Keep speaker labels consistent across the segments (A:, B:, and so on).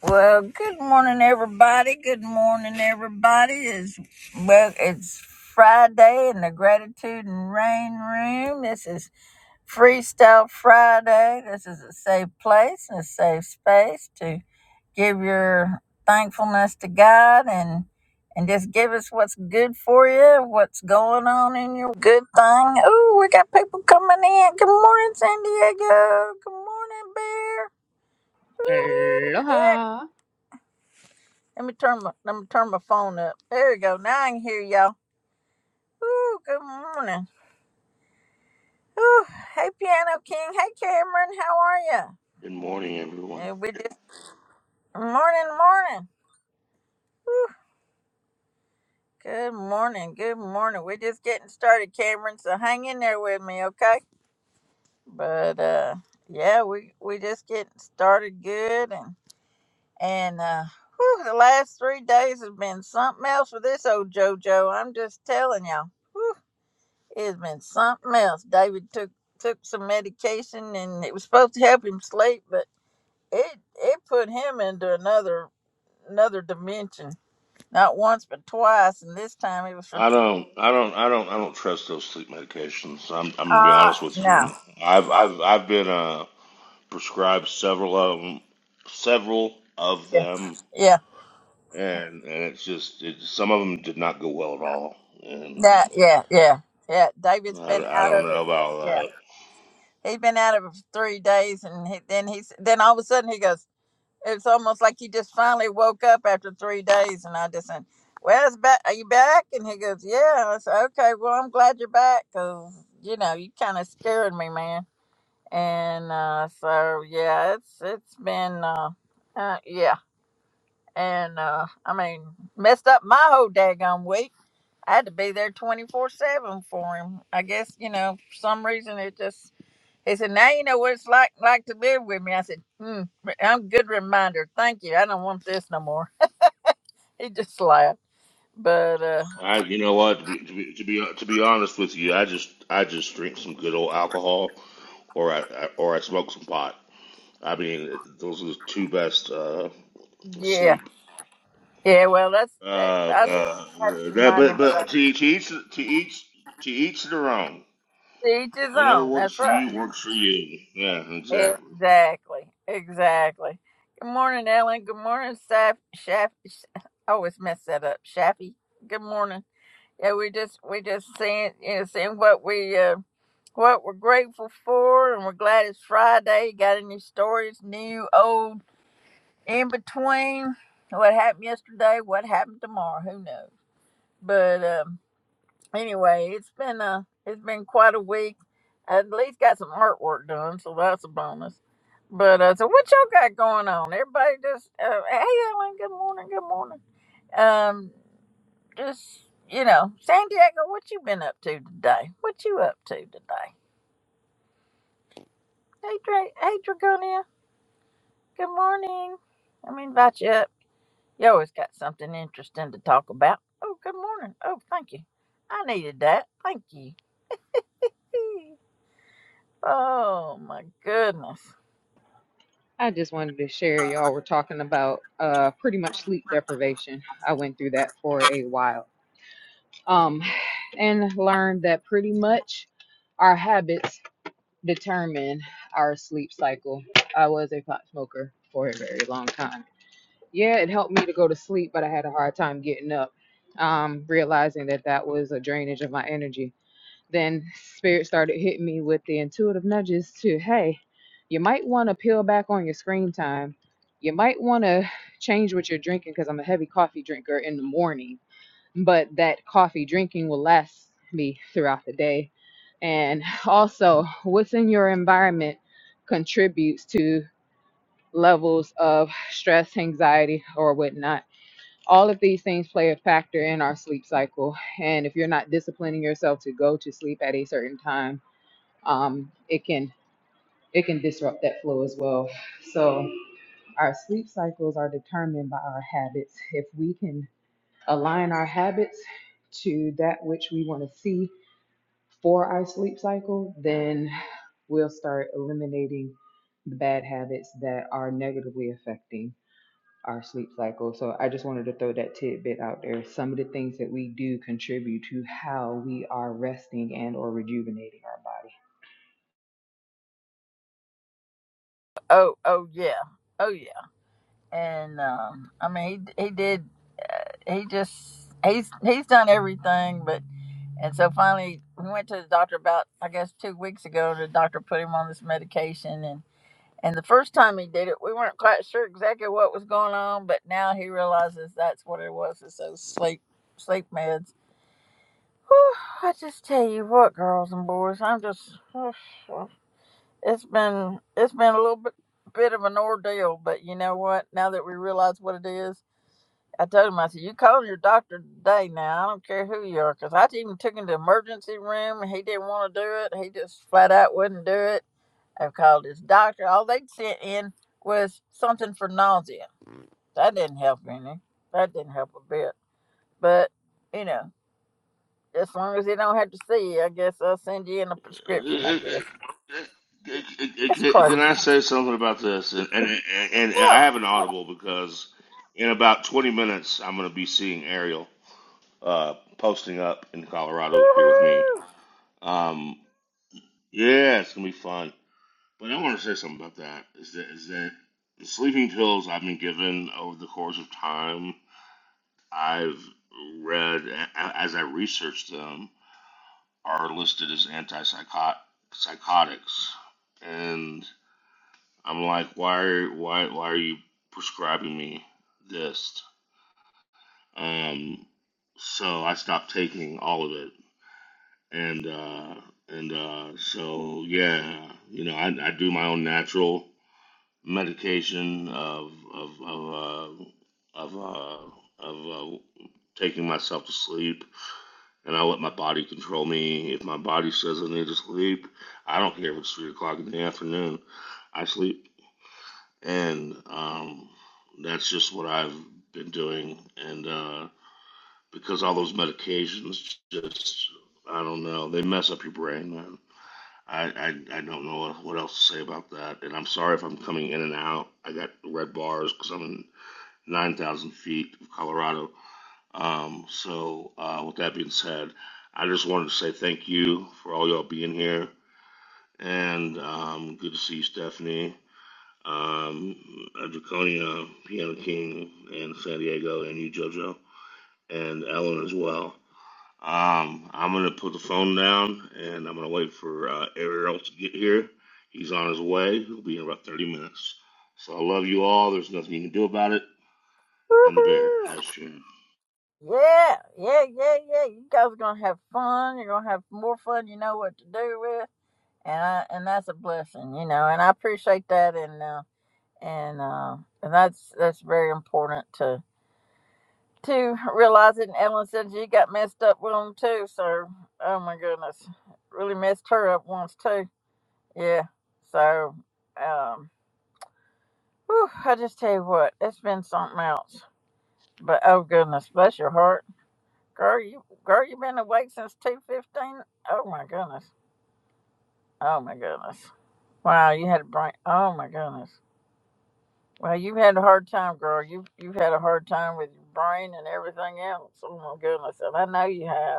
A: Well, good morning, everybody. Good morning, everybody. It's well, it's Friday in the Gratitude and Rain Room. This is Freestyle Friday. This is a safe place and a safe space to give your thankfulness to God and and just give us what's good for you, what's going on in your good thing. Ooh, we got people coming in. Good morning, San Diego. Good morning, Bear. Woo-hoo. Yeah,
B: Aloha.
A: let me turn my let me turn my phone up. There we go. Now I can hear y'all. Ooh, good morning. Ooh, hey Piano King. Hey Cameron, how are ya?
C: Good morning, everyone.
A: Yeah, we just morning, morning. Good morning, good morning. We're just getting started, Cameron. So hang in there with me, okay? But uh, yeah, we we just getting started good, and and uh, whew, the last three days have been something else for this old JoJo. I'm just telling y'all. It's been something else. David took took some medication and it was supposed to help him sleep, but it it put him into another another dimension. Not once but twice, and this time it was for
C: I don't, I don't, I don't, I don't trust those sleep medications. I'm, I'm gonna be
A: uh
C: honest with
A: no.
C: you. I've, I've, I've been uh, prescribed several of them, several of
A: Yeah.
C: them,
A: Yeah.
C: and and it's just, it, some of them did not go well at all, and
A: That yeah, yeah. Yeah. David's
C: I,
A: been
C: I
A: out
C: don't
A: of it.
C: know
A: Yeah.
C: about
A: He's been out of it for three days and he, then he's then all of a sudden he goes, It's almost like he just finally woke up after three days, and I just said, "Well, it's back. Are you back?" And he goes, "Yeah." I said, "Okay. Well, I'm glad you're back, back, cause you know you kind of scared me, man." And uh, so yeah, it's it's been uh, uh yeah, and uh, I mean messed up my whole daggone week. I had to be there twenty four seven for him. I guess you know for some reason it just he said, "Now you know what it's like like to live with me." I said, mm, "I'm good reminder. Thank you. I don't want this no more." He just laughed. But uh,
C: that. I, you know what? To be, to be, to be, to be honest with you, I just, I just drink some good old alcohol, or I, I or I smoke some pot. I mean, those are the two best uh,
A: yeah,
C: sleep
A: yeah. Well, that's
C: Uh,
A: that, I just
C: uh,
A: have to
C: that,
A: remind
C: but
A: him of
C: but
A: that.
C: to each, to each to each to each their own.
A: To each his
C: Whatever
A: own.
C: works
A: That's
C: for
A: right.
C: you works for you. Yeah, exactly.
A: Exactly. Exactly. Good morning, Ellen. Good morning, Saf. Shaf. Sh- I always mess that up. Shaffy. Good morning. Yeah, we just we just seeing you know seeing what we uh, what we're grateful for, and we're glad it's Friday. Got any stories, new, old, in between? What happened yesterday? What happened tomorrow? Who knows? But um, anyway, it's been a it's been quite a week. I at least got some artwork done, so that's a bonus. But uh, so what y'all got going on? Everybody just uh, hey Ellen, good morning, good morning. Um, just you know, San Diego, what you been up to today? What you up to today? Hey, Dra- hey, Dragonia. Good morning. Let me invite you up. You always got something interesting to talk about. Oh, good morning. Oh, thank you. I needed that. Thank you. Oh my goodness.
B: I just wanted to share y'all were talking about uh pretty much sleep deprivation. I went through that for a while. Um and learned that pretty much our habits determine our sleep cycle. I was a pot smoker for a very long time. Yeah, it helped me to go to sleep, but I had a hard time getting up. Um realizing that that was a drainage of my energy then spirit started hitting me with the intuitive nudges to hey you might want to peel back on your screen time you might want to change what you're drinking because i'm a heavy coffee drinker in the morning but that coffee drinking will last me throughout the day and also what's in your environment contributes to levels of stress anxiety or whatnot all of these things play a factor in our sleep cycle and if you're not disciplining yourself to go to sleep at a certain time um, it can it can disrupt that flow as well. So our sleep cycles are determined by our habits. If we can align our habits to that which we want to see for our sleep cycle, then we'll start eliminating the bad habits that are negatively affecting our sleep cycle. So I just wanted to throw that tidbit out there. Some of the things that we do contribute to how we are resting and or rejuvenating our body.
A: Oh, oh yeah. Oh yeah. And um, I mean, he he did. He just he's he's done everything, but and so finally we went to the doctor about I guess two weeks ago. The doctor put him on this medication, and. And the first time he did it, we weren't quite sure exactly what was going on, but now he realizes that's what it was. It's those sleep sleep meds. Whew, I just tell you what, girls and boys, I'm just it's been it's been a little bit bit of an ordeal, but you know what? Now that we realize what it is, I told him I said you call your doctor today. Now I don't care who you are, because I even took him to the emergency room and he didn't want to do it. He just flat out wouldn't do it I've called his doctor. All they'd sent in was something for nausea. That didn't help any. That didn't help a bit. But, you know, as long as you don't have to see you, I guess I'll send you in a prescription, I guess. That's
C: Can
A: crazy.
C: can I say something about this? And and, and I have an
A: Yeah.
C: audible because in about twenty minutes I'm going to be seeing Ariel uh, posting up in Colorado here with me.
A: Woohoo!
C: Um, yeah, it's gonna be fun. But I want to say something about that. Is that is that the sleeping pills I've been given over the course of time I've read a- as I researched them are listed as antipsychot psychotics, and I'm like, why, why, why are you prescribing me this? Um, so I stopped taking all of it, and uh, and uh, so yeah, you know, I, I do my own natural medication of of of uh, of uh, of uh, taking myself to sleep and I let my body control me. If my body says I need to sleep, I don't care if it's three o'clock in the afternoon. I sleep, and um, that's just what I've been doing. And uh, because all those medications, just I don't know, they mess up your brain, man. I, I, I don't know what, what else to say about that. And I'm sorry if I'm coming in and out. I got red bars because I'm in 9,000 feet of Colorado. Um, so, uh, with that being said, I just wanted to say thank you for all y'all being here, and um, good to see you, Stephanie, um, uh, Draconia, Piano King, and San Diego, and you, JoJo, and Ellen as well. Um, I'm gonna put the phone down, and I'm gonna wait for uh, Ariel to get here. He's on his way. He'll be in about 30 minutes. So I love you all. There's nothing you can do about it. And the bear
A: Woohoo!
C: has changed.
A: Yeah, yeah, yeah, yeah. You guys are gonna have fun. You're gonna have more fun. You know what to do with, and I, and that's a blessing, you know. And I appreciate that, and uh, and uh, and that's that's very important to. to realize it. And Ellen said you got messed up with them too. So, oh my goodness, really messed her up once too. Yeah. So, um, whew, I just tell you what, it's been something else. But oh goodness, bless your heart, girl. You girl, you been awake since two fifteen. Oh my goodness. Oh my goodness. Wow, you had a brain. Oh my goodness. Well, you've had a hard time, girl. You've you've had a hard time with your brain and everything else. Oh my goodness, and I know you have.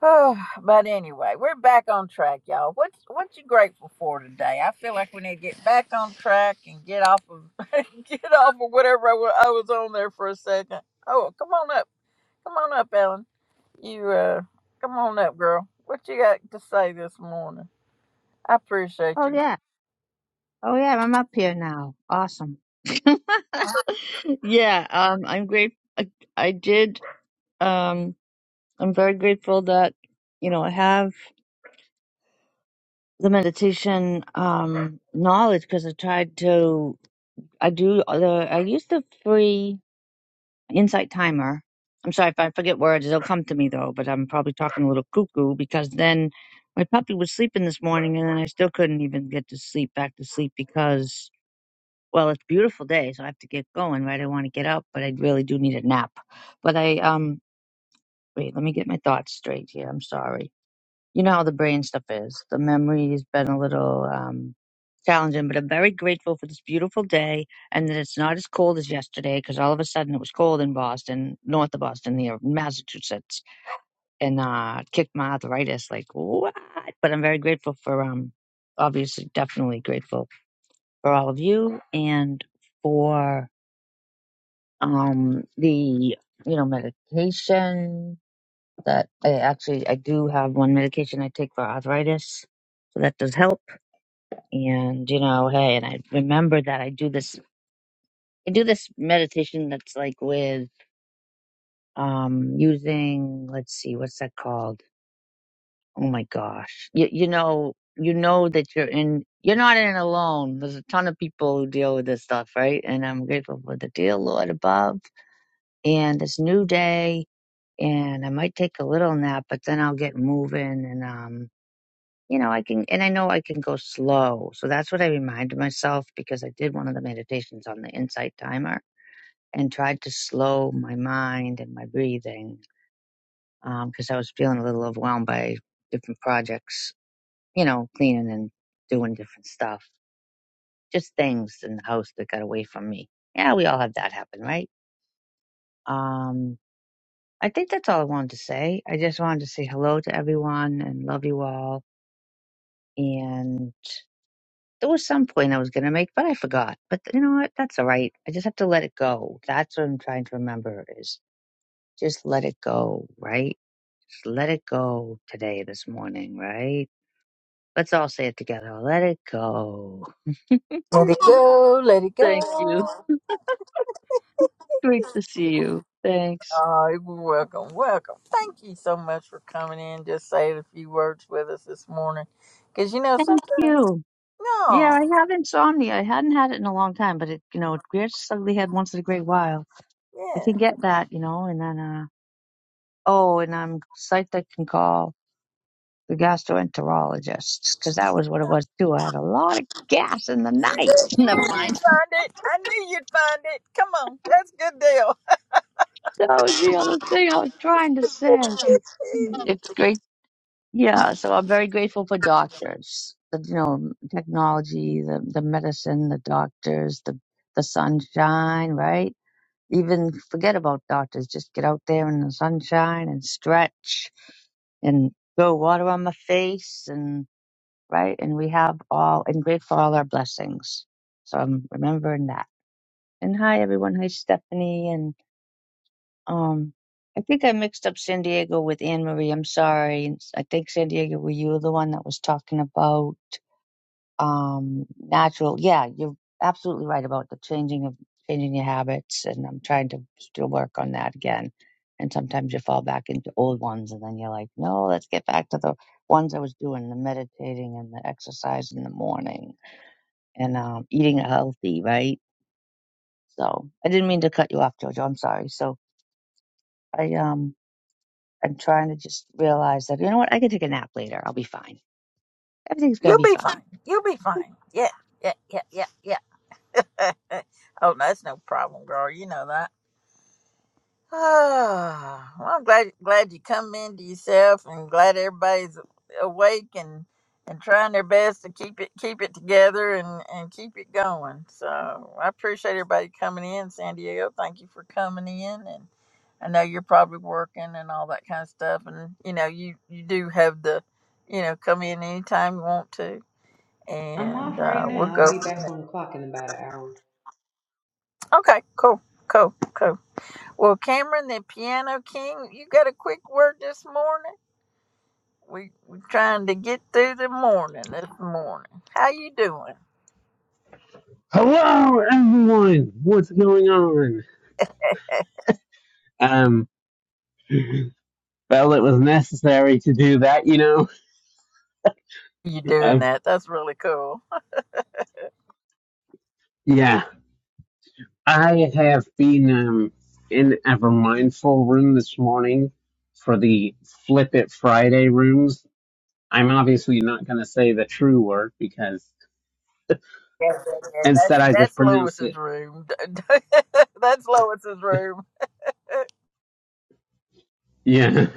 A: Oh, but anyway, we're back on track, y'all. What's what you grateful for today? I feel like we need to get back on track and get off of get off of whatever I wa- I was on there for a second. Oh, come on up, come on up, Ellen. You uh, come on up, girl. What you got to say this morning? I appreciate
D: Oh
A: you.
D: yeah. Oh yeah, I'm up here now. Awesome. yeah, um I'm great I, I did um I'm very grateful that you know I have the meditation um knowledge because I tried to I do the I use the free insight timer. I'm sorry if I forget words, it'll come to me though, but I'm probably talking a little cuckoo because then my puppy was sleeping this morning and then I still couldn't even get to sleep back to sleep because Well, it's a beautiful day, so I have to get going, right? I want to get up, but I really do need a nap. But I um wait, let me get my thoughts straight here. I'm sorry. You know how the brain stuff is. The memory has been a little um challenging, but I'm very grateful for this beautiful day and that it's not as cold as yesterday because all of a sudden it was cold in Boston, north of Boston, near Massachusetts, and uh kicked my arthritis like what? But I'm very grateful for um obviously definitely grateful for all of you and for um the you know medication that I actually I do have one medication I take for arthritis, so that does help. And you know, hey, and I remember that I do this I do this meditation that's like with um using let's see what's that called? Oh my gosh, you you know you know that you're in you're not in alone. There's a ton of people who deal with this stuff, right? And I'm grateful for the dear Lord above and this new day and I might take a little nap, but then I'll get moving and um you know, I can and I know I can go slow. So that's what I reminded myself because I did one of the meditations on the insight timer and tried to slow my mind and my breathing um because I was feeling a little overwhelmed by different projects, you know, cleaning and doing different stuff, just things in the house that got away from me. Yeah, we all have that happen, right? Um I think that's all I wanted to say. I just wanted to say hello to everyone and love you all And there was some point I was going to make, but I forgot. But you know what? That's all right. I just have to let it go. That's what I'm trying to remember is just let it go, right? Just let it go today, this morning, right? Let's all say it together. Let it go.
A: Let it go, let it
D: Thank you.
A: go.
D: Great to see you. Thanks.
A: Oh, you're welcome, welcome. Thank you so much for coming in. Just saying a few words with us this morning, because you know
D: Thank
A: sometimes
D: you. Yeah,
A: no,
D: I have insomnia. I hadn't had it in a long time, but it, you know, it rears its ugly head once in a great while. I
A: yeah.
D: can get that, you know, and then, uh, oh, and I'm psyched I can call. the gastroenterologist, because that was what it was too. I had a lot of gas in the
A: You
D: night. Never
A: knew you'd
D: mind.
A: find it. I knew you'd find it. Come on. That's a good
D: That was the other thing I was trying to say.
A: deal.
D: It's great. Yeah, so I'm very grateful for doctors. The, you know, technology, the, the medicine, the doctors, the the sunshine, right? Even forget about doctors. Just get out there in the sunshine and stretch and go water on my face and. right? And we have all and grateful for all our blessings. So I'm remembering that. And hi everyone. Hi Stephanie. And um, I think I mixed up San Diego with Anne Marie. I'm sorry. And I think San Diego, were you the one that was talking about um natural? Yeah, you're absolutely right about the changing of changing your habits. And I'm trying to still work on that again. And sometimes you fall back into old ones, and then you're like, no, let's get back to the ones I was doing, the meditating and the exercise in the morning and um, eating healthy, right? So I didn't mean to cut you off, Jojo. I'm sorry. So I um I'm trying to just realize that you know what I can take a nap later. I'll be fine. Everything's gonna
A: You'll
D: be
A: be fine.
D: fine.
A: You'll be fine. Yeah. Yeah. Yeah. Yeah. Yeah. oh, that's no problem, girl. You know that. Ah, well, I'm glad glad you come into yourself, and glad everybody's awake and and trying their best to keep it keep it together and and keep it going. So I appreciate everybody coming in, San Diego. Thank you for coming in, and I know you're probably working and all that kind of stuff, and you know you you do have the you know come in anytime you want to,
B: I'm
A: and
B: off right
A: uh, we'll
B: now.
A: go.
B: I'll be back on the clock in about an hour.
A: Okay, cool, cool, cool. Well, Cameron, the piano king, you got a quick word this morning? We we trying to get through the morning this morning. How you doing?
E: Hello, everyone. What's going on? Um, well, it was necessary to do that, you know.
A: You doing
E: Um,
A: that? That's really cool.
E: yeah, I have been um in ever mindful room this morning for the Flip It Friday rooms. I'm obviously not going to say the true word because
A: Yeah, yeah, yeah. That's,
E: instead I just
A: that's
E: pronounce
A: Lois's
E: it.
A: room. that's Lois's room.
E: Yeah.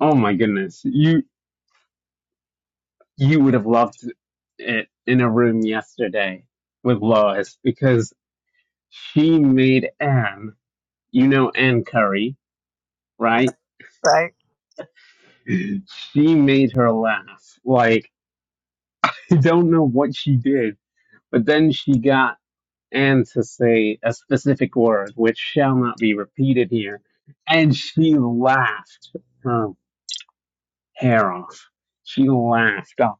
E: Oh my goodness, you you would have loved it in a room yesterday with Lois because she made Anne. you know Ann Curry, right?
A: Right.
E: She made her laugh. Like, I don't know what she did, but then she got Anne to say a specific word, which shall not be repeated here, and she laughed her hair off. She laughed off.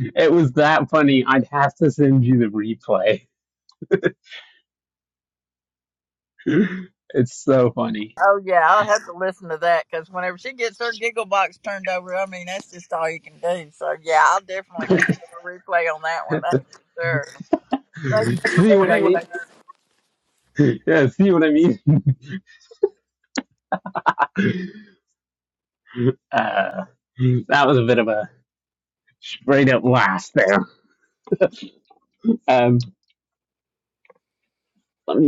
E: It was that funny. I'd have to send you the replay. It's so funny.
A: Oh yeah, I'll have to listen to that because whenever she gets her giggle box turned over, I mean that's just all you can do. So yeah, I'll definitely give her a replay on that one. That's for sure. Thank you for
E: see what I
A: that.
F: Good
E: mean? Yeah, see what I mean? Uh, that was a bit of a straight up last there. Um, let me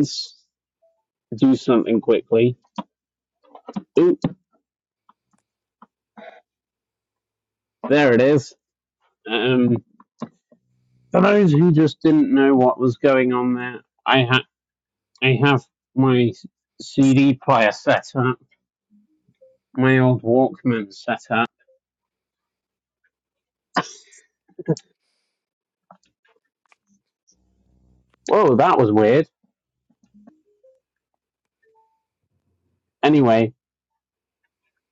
E: do something quickly. Oop, there it is. Um, for those who just didn't know what was going on there, I ha- I have my CD player set up, my old Walkman set up. Oh, that was weird. Anyway,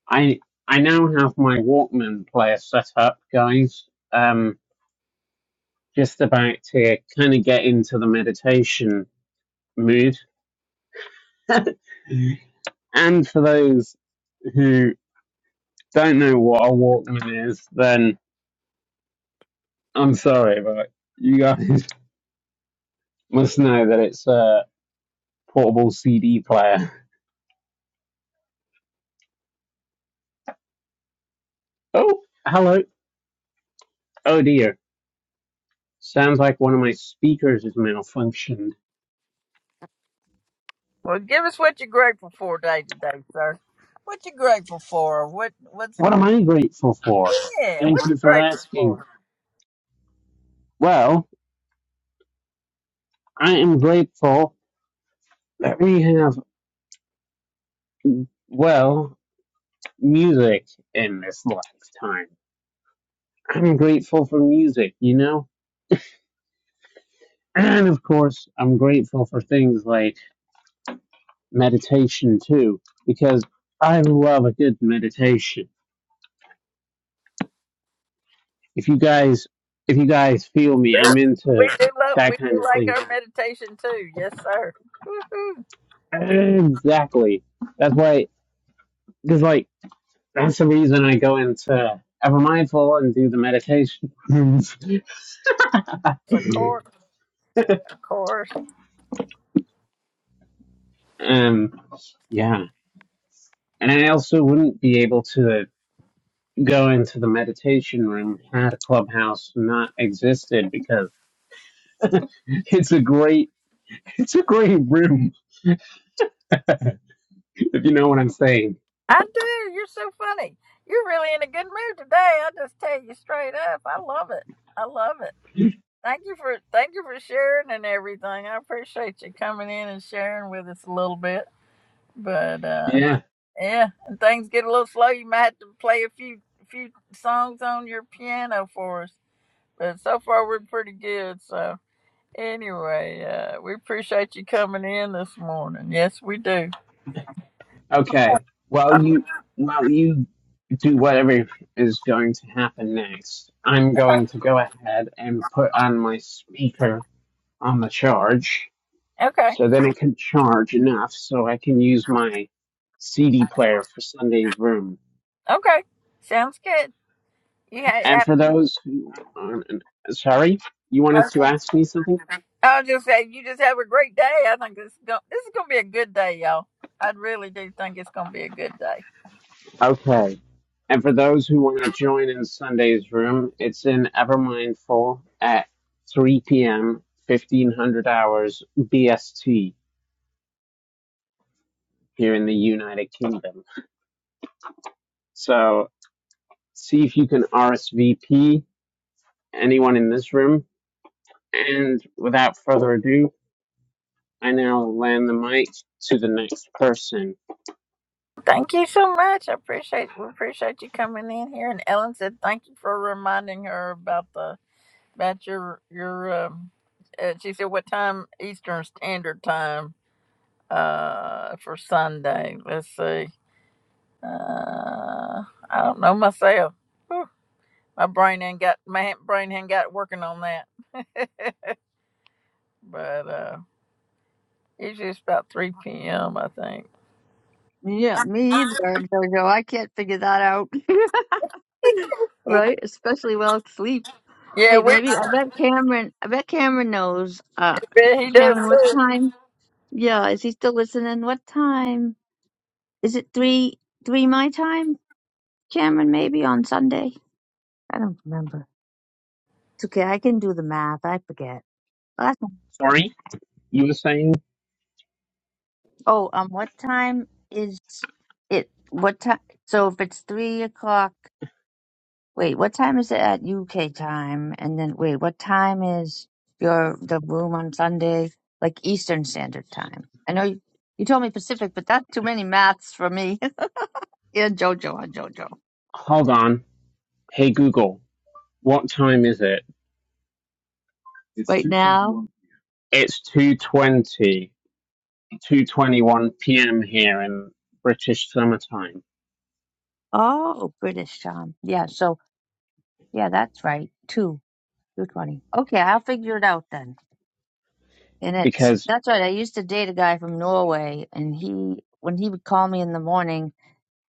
E: I I now have my Walkman player set up, guys. Um, just about to kind of get into the meditation mood. And for those who don't know what a Walkman is, then I'm sorry, but you guys must know that it's a portable CD player. Oh, hello. Oh dear. Sounds like one of my speakers is malfunctioned.
A: Well, give us what you're grateful for day to day, sir. What you grateful for? What what's
E: What am I grateful for?
A: yeah? What
E: Thank
A: you
E: you for
A: grateful
E: asking.
A: for?
E: Well, I am grateful that we have, well, music in this lifetime. I'm grateful for music, you know? And of course, I'm grateful for things like meditation too, because I love a good meditation. If you guys, if you guys feel me,
A: We,
E: I'm
A: we
E: into
A: do love we
E: that
A: do
E: kind of
A: like
E: thing.
A: our meditation too. Yes, sir. Woo-hoo.
E: Exactly. That's why, because like, that's the reason I go into Ever Mindful and do the meditation.
A: So of course, of course,
E: um, yeah. And I also wouldn't be able to go into the meditation room had Clubhouse not existed because it's a great it's a great room if you know what i'm saying
A: I do. You're so funny. You're really in a good mood today. I just tell you straight up. I love it. I love it. Thank you for thank you for sharing and everything. I appreciate you coming in and sharing with us a little bit. But uh
E: yeah
A: Yeah, and things get a little slow. You might have to play a few few songs on your piano for us. But so far we're pretty good. So anyway, uh, we appreciate you coming in this morning. Yes, we do.
E: okay While
A: Oh,
E: you while you do whatever is going to happen next i'm going to go ahead and put on my speaker on the charge
A: Okay,
E: so then it can charge enough so i can use my cd player for sunday's room
A: okay, sounds good. You
E: and
A: ha
E: for those who um, sorry you wanted to
A: ha-
E: ask me something
A: I'll just say you just have a great day. I think this is gonna, this is gonna be a good day, y'all. I really do think it's gonna be a good day.
E: Okay. And for those who want to join in Sunday's room, it's in Evermindful at 3 p.m., 1500 hours BST here in the United Kingdom. So see if you can RSVP anyone in this room. And without further ado, I now land the mic to the next person.
A: Thank you so much. I appreciate we appreciate you coming in here. And Ellen said thank you for reminding her about the about your your. Um, uh, she said what time Eastern Standard Time uh for Sunday. Let's see. Uh, I don't know myself. Whew, my brain ain't got my brain ain't got working on that. but uh, usually it's about three p.m. I think.
D: Yeah, me either, Jojo. I can't figure that out. right? Especially without sleep.
A: yeah,
D: Wait,
A: we.
D: maybe I bet Cameron. I bet Cameron knows. Uh.
A: But he does.
D: Cameron, what
A: too.
D: time? Yeah, is he still listening? What time? Is it three three my time, Cameron? Maybe on Sunday. I don't remember. It's okay. I can do the math. I forget. Last time.
E: Sorry, you were saying?
D: Oh, um, what time is it? What time? So if it's three o'clock, wait, what time is it at UK time? And then wait, what time is your the room on Sunday? Like Eastern Standard Time. I know you, you told me Pacific, but that's too many maths for me. yeah, Jojo on Jojo.
E: Hold on. Hey Google, what time is it? It's
D: right now.
E: 2.20. 2:21 p.m. here in British summertime
D: Oh, British time. Yeah, so yeah, that's right. Two, two twenty. Okay, I'll figure it out then. And it's
E: because
D: that's right. I used to date a guy from Norway, and he when he would call me in the morning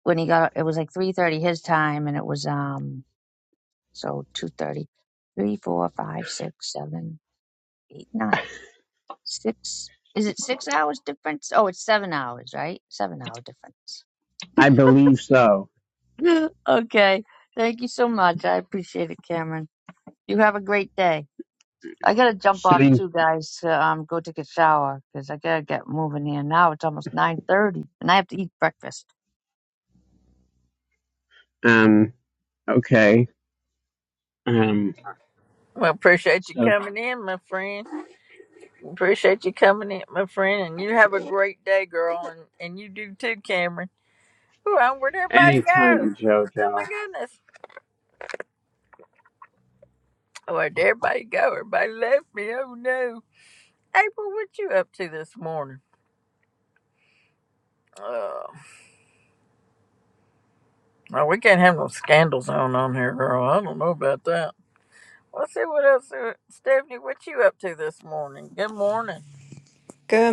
D: when he got it was like three thirty his time, and it was um so two thirty, three, four, five, six, seven, eight, nine, six. Is it six hours difference? Oh, it's seven hours, right? Seven hour difference.
E: I believe so.
D: okay. Thank you so much. I appreciate it, Cameron. You have a great day. I gotta jump off
E: Sitting,
D: too, guys. To, um, go take a shower because I gotta get moving here now. It's almost nine thirty, and I have to eat breakfast.
E: um, okay, um,
A: Well, appreciate you
E: so
A: coming in, my friend. Appreciate you coming in, my friend, and you have a great day, girl, and, and you do too, Cameron. Oh, where'd everybody go?
E: anytime,
A: Oh my
E: Jojo.
A: goodness. Oh, where'd everybody go? Everybody left me. Oh no. April, what you up to this morning? Oh, no, we can't have no scandals on on here, girl. I don't know about that. Let's see what else. uh, Stephanie, what you up to this morning? Good morning.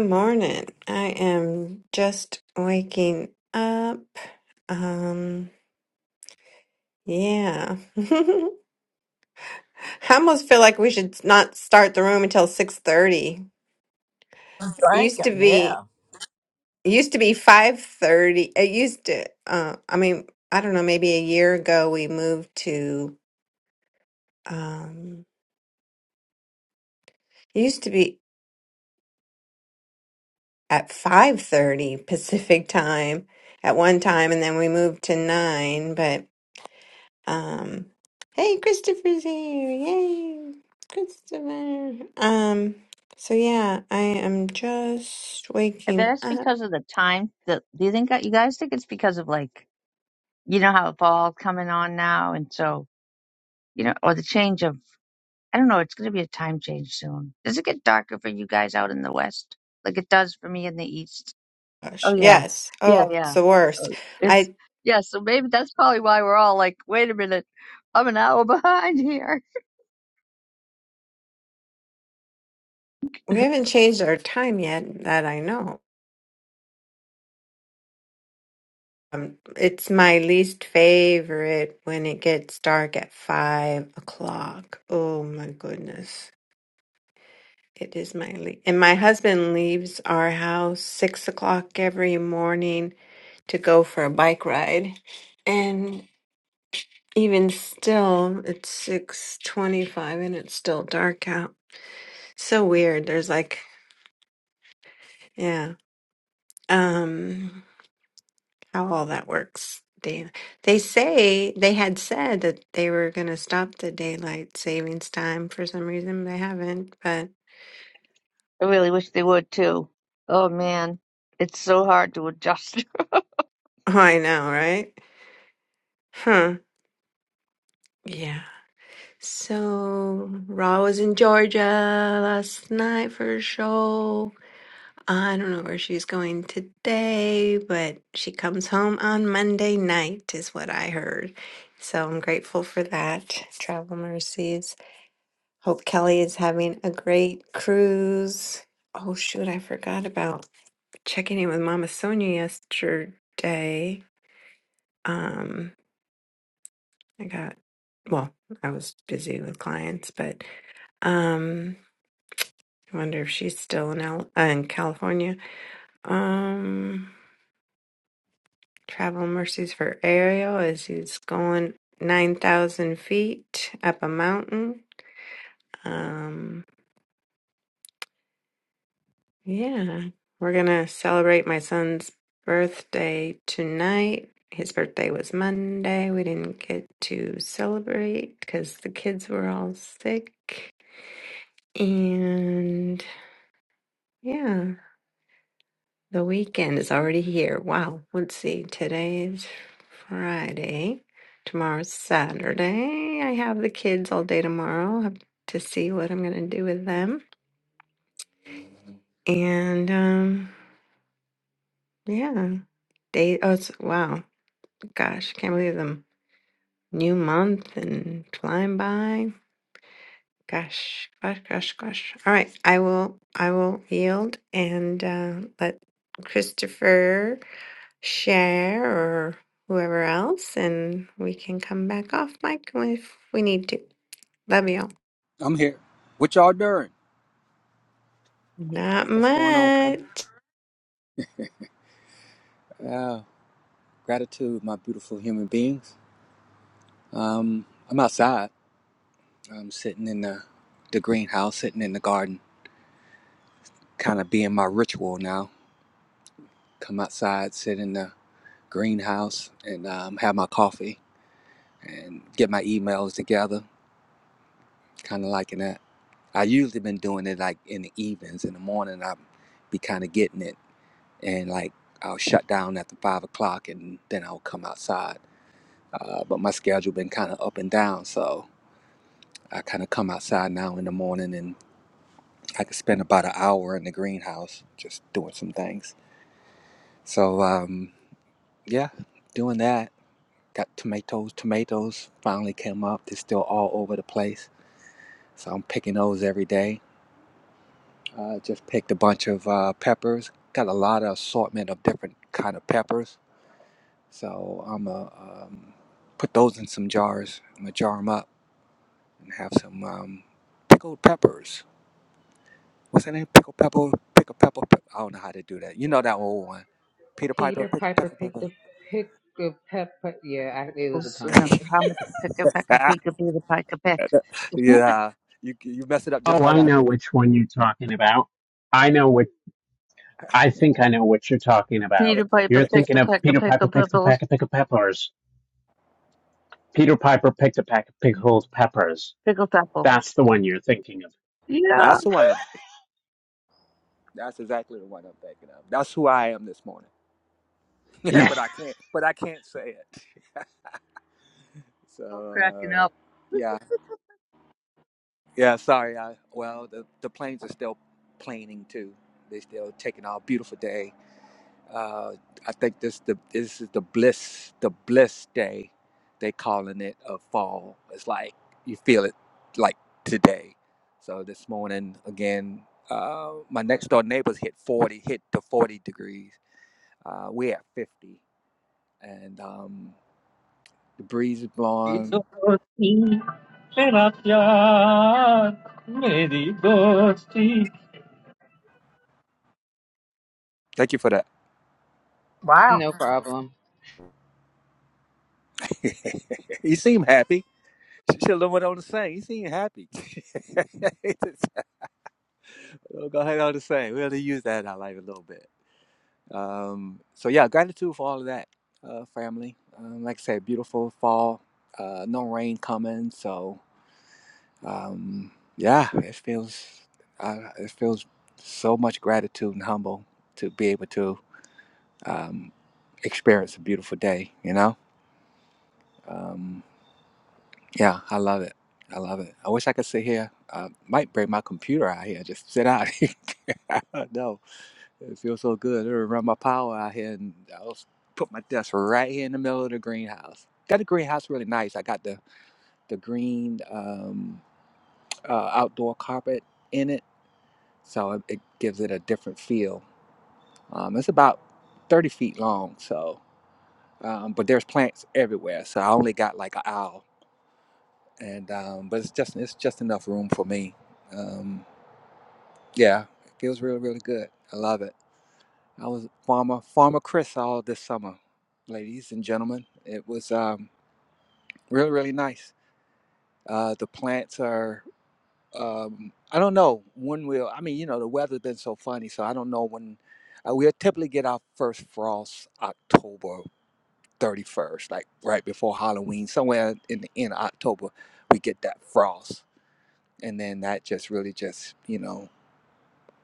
F: morning. I am just waking up. Um, yeah. I almost feel like we should not start the room until 6:30.
A: I'm
F: It used to
A: thinking,
F: be
A: yeah.
F: it used to be 5:30. It used to uh I mean, I don't know, maybe a year ago we moved to um it used to be at 5:30 Pacific time at one time and then we moved to 9, but. Um, hey, Christopher's here. Yay, Christopher. Um, so yeah, I am just
D: I bet
F: waking
D: it's
F: up.
D: because of the time. That do you think that you guys think it's because of like you know how fall coming on now, and so you know, or the change of I don't know. It's gonna be a time change soon. Does it get darker for you guys out in the west, like it does for me in the east? Oh
F: Gosh,
D: yeah.
F: yes.
D: Yeah,
F: Oh,
D: yeah.
F: it's the
D: Uh,
F: worst.
D: It's
F: I
D: yeah, so maybe that's probably why we're all like, wait a minute, I'm an hour behind here.
F: we haven't changed our time yet that I know. Um, it's my least favorite when it gets dark at five o'clock. Oh my goodness. It is my le- and my husband leaves our house six o'clock every morning to go for a bike ride, and even still, it's six twenty-five and it's still dark out. So weird. There's like, yeah, um, how all that works. They they say they had said that they were going to stop the daylight savings time for some reason. They haven't, but
D: I really wish they would too. Oh man, it's so hard to adjust.
F: I know, right? Huh. Yeah. So, Raw was in Georgia last night for a show. I don't know where she's going today, but she comes home on Monday night, is what I heard. So, I'm grateful for that. Travel mercies. Hope Kelly is having a great cruise. Oh, shoot, I forgot about checking in with Mama Sonia yesterday. Um, I got, well, I was busy with clients, but. um. I wonder if she's still in Al- uh, in California. Um, travel mercies for Ariel as he's going nine thousand feet up a mountain. Um, yeah, we're gonna celebrate my son's birthday tonight. His birthday was Monday. We didn't get to celebrate because the kids were all sick. And yeah. The weekend is already here. Wow. Let's see. Today's Friday. Tomorrow's Saturday. I have the kids all day tomorrow. Have to see what I'm gonna do with them. And um yeah. Day oh it's wow. Gosh, can't believe them. New month and flying by. Gosh, gosh, gosh, gosh. All right. I will I will yield and uh let Christopher share or whoever else, and we can come back off mic if we need to. That'd be all.
G: I'm here. What y'all doing?
F: Not
G: What's going on, family?
F: much.
G: Yeah, gratitude, my beautiful human beings. Um, I'm outside. I'm sitting in the, the greenhouse, sitting in the garden, kind of being my ritual now. Come outside, sit in the greenhouse, and um, have my coffee and get my emails together, kind of liking that. I usually been doing it like in the evenings. In the morning, I be kind of getting it, and like I'll shut down after five o'clock, and then I'll come outside uh, but my schedule been kind of up and down so i kind of come outside now in the morning and i could spend about an hour in the greenhouse just doing some things so um, yeah doing that got tomatoes tomatoes finally came up they're still all over the place so i'm picking those every day uh, just picked a bunch of uh, peppers got a lot of assortment of different kind of peppers so i'm going um, put those in some jars i'm gonna jar them up and have some um, pickled peppers what's her name? Pickle Pepper, Pickle Pepper. Pe- I don't know how to do that. You know that old one, Peter Piper,
B: Peter
G: Pickle
B: Piper
G: Pepper
B: picked a
G: Pepper.
B: pick a pep. Yeah,
D: Picka,
B: I,
D: picka,
B: it was a
D: boos,
B: tongue
D: and a
B: twister.
D: promise to picka, picka,
G: Ah,
D: pika, pita, pika, pick.
G: yeah, you you mess it up just
E: Oh,
G: like
E: I
G: I
E: know
G: did.
E: which one you're talking about. I know what I think I know what you're talking about.
D: Peter Piper
E: You're
D: picked
E: thinking
D: a
E: of
D: peck of
E: Peter
D: pickle
E: Piper picked a
D: pickles,
E: pack of pickled peppers. Peter Piper picked a pack of pickled peppers.
D: pickle pepples.
E: That's the one you're thinking of.
D: Yeah.
G: That's the one. I'm, that's exactly the one I'm thinking of. That's who I am this morning. Yeah,
E: Yeah,
G: but I can't. But I can't say it. So
D: All cracking
G: uh,
D: up.
G: yeah, yeah. Sorry. I, well, the the planes are still planing too. They still taking our beautiful day uh, I think this the this is the bliss the bliss day they calling it of fall. It's like you feel it like today. So this morning again, uh, my next door neighbors hit forty hit to forty degrees. Uh, we're at fifty, and um, the breeze is
H: My
G: blowing.
H: destiny, my actions, my destiny.
G: Thank you for that.
A: Wow.
B: No problem.
G: you seem happy. She'll went on to say, you seem happy. Go ahead on to say. We'll use that in our life a little bit. Um, so yeah, gratitude for all of that, uh, family. Um, like I said, beautiful fall. Uh, no rain coming, so um, yeah, it feels uh, it feels so much gratitude and humble to be able to um, experience a beautiful day. You know, um, yeah, I love it. I love it. I wish I could sit here. Uh, might bring my computer out here, just sit out. no. It feels so good. they run my power out here, and I was put my desk right here in the middle of the greenhouse. Got the greenhouse really nice. I got the the green um, uh, outdoor carpet in it, so it, it gives it a different feel. Um, it's about thirty feet long, so um, but there's plants everywhere. So I only got like an aisle, and um, but it's just it's just enough room for me. Um, yeah, it feels really really good. I love it. I was farmer farmer Chris all this summer, ladies and gentlemen. It was um, really really nice. Uh, the plants are um, I don't know when we'll. I mean, you know, the weather's been so funny, so I don't know when uh, we'll typically get our first frost October thirty first, like right before Halloween, somewhere in the end of October we get that frost, and then that just really just you know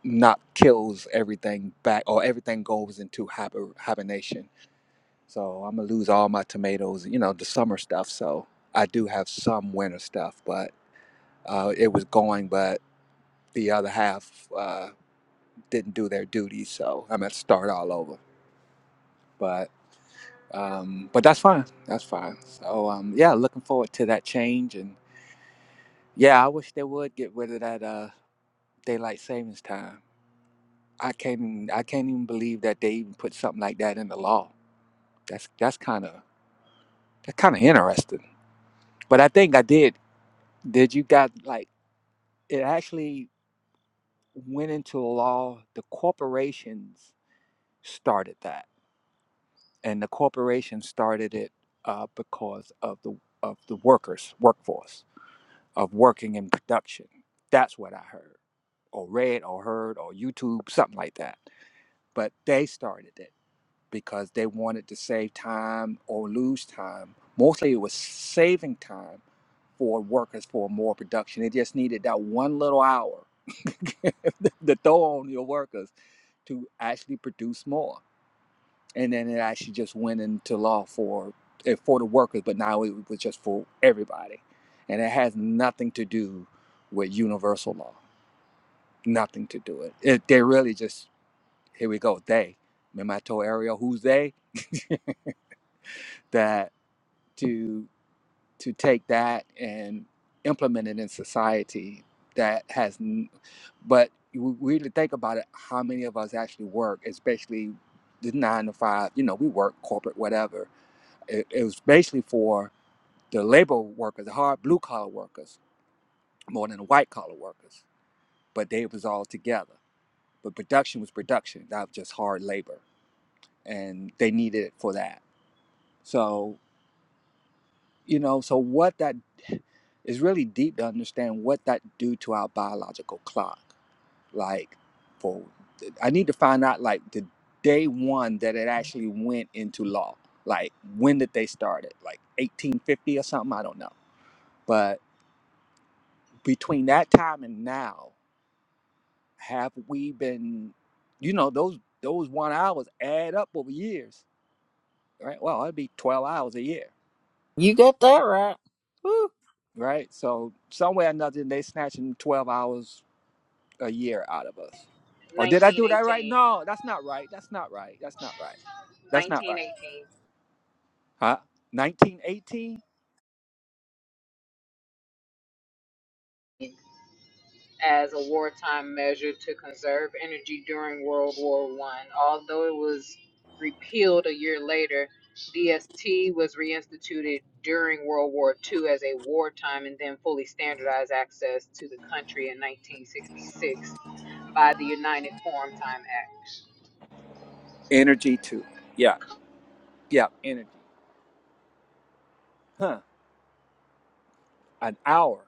G: not kills everything back or everything goes into hiber- hibernation So I'm gonna lose all my tomatoes, you know, the summer stuff. So I do have some winter stuff, but uh, it was going, but the other half uh, didn't do their duty. So I'm gonna start all over. But um, but that's fine. That's fine. So um, yeah, looking forward to that change. And yeah, I wish they would get rid of that uh, daylight savings time. I can't I can't even believe that they even put something like that in the law. That's that's kind of that's kind of interesting. But I think I did. Did you got like? it actually went into law. The corporations started that, and the corporations started it uh, because of the of the workers workforce of working in production. That's what I heard, or read, or heard, or YouTube, something like that. But they started it because they wanted to save time or lose time. Mostly it was saving time for workers for more production. They just needed that one little hour to throw on your workers to actually produce more. And then it actually just went into law for eh, for the workers, but now it was just for everybody. And it has nothing to do with universal law. Nothing to do it. it they really just here we go. They. Remember I told Ariel who's they? that. to to take that and implement it in society that has n- but we really think about it how many of us actually work especially the nine to five you know we work corporate whatever it, it was basically for the labor workers the hard blue collar workers more than the white collar workers but they was all together but production was production that was just hard labor and they needed it for that So. you know so what that is really deep to understand what that do to our biological clock like for i need to find out like the day one that it actually went into law like when did they start it like 1850 or something i don't know but between that time and now have we been you know those those one hours add up over years right well it'd be 12 hours a year
A: You got that right.
G: right so somewhere or another they snatching 12 hours a year out of us. Or did I do that right?
B: 1918.
G: No, that's not right. That's not right. That's not right. That's not right.
B: 1918.
G: Huh? 1918?
B: as a wartime measure to conserve energy during World War One. Although it was repealed a year later, DST was reinstituted during World War Two as a wartime and then fully standardized access to the country in 1966 by the United Forum Time Act.
G: Energy too. Yeah. Yeah. Energy. Huh. An hour.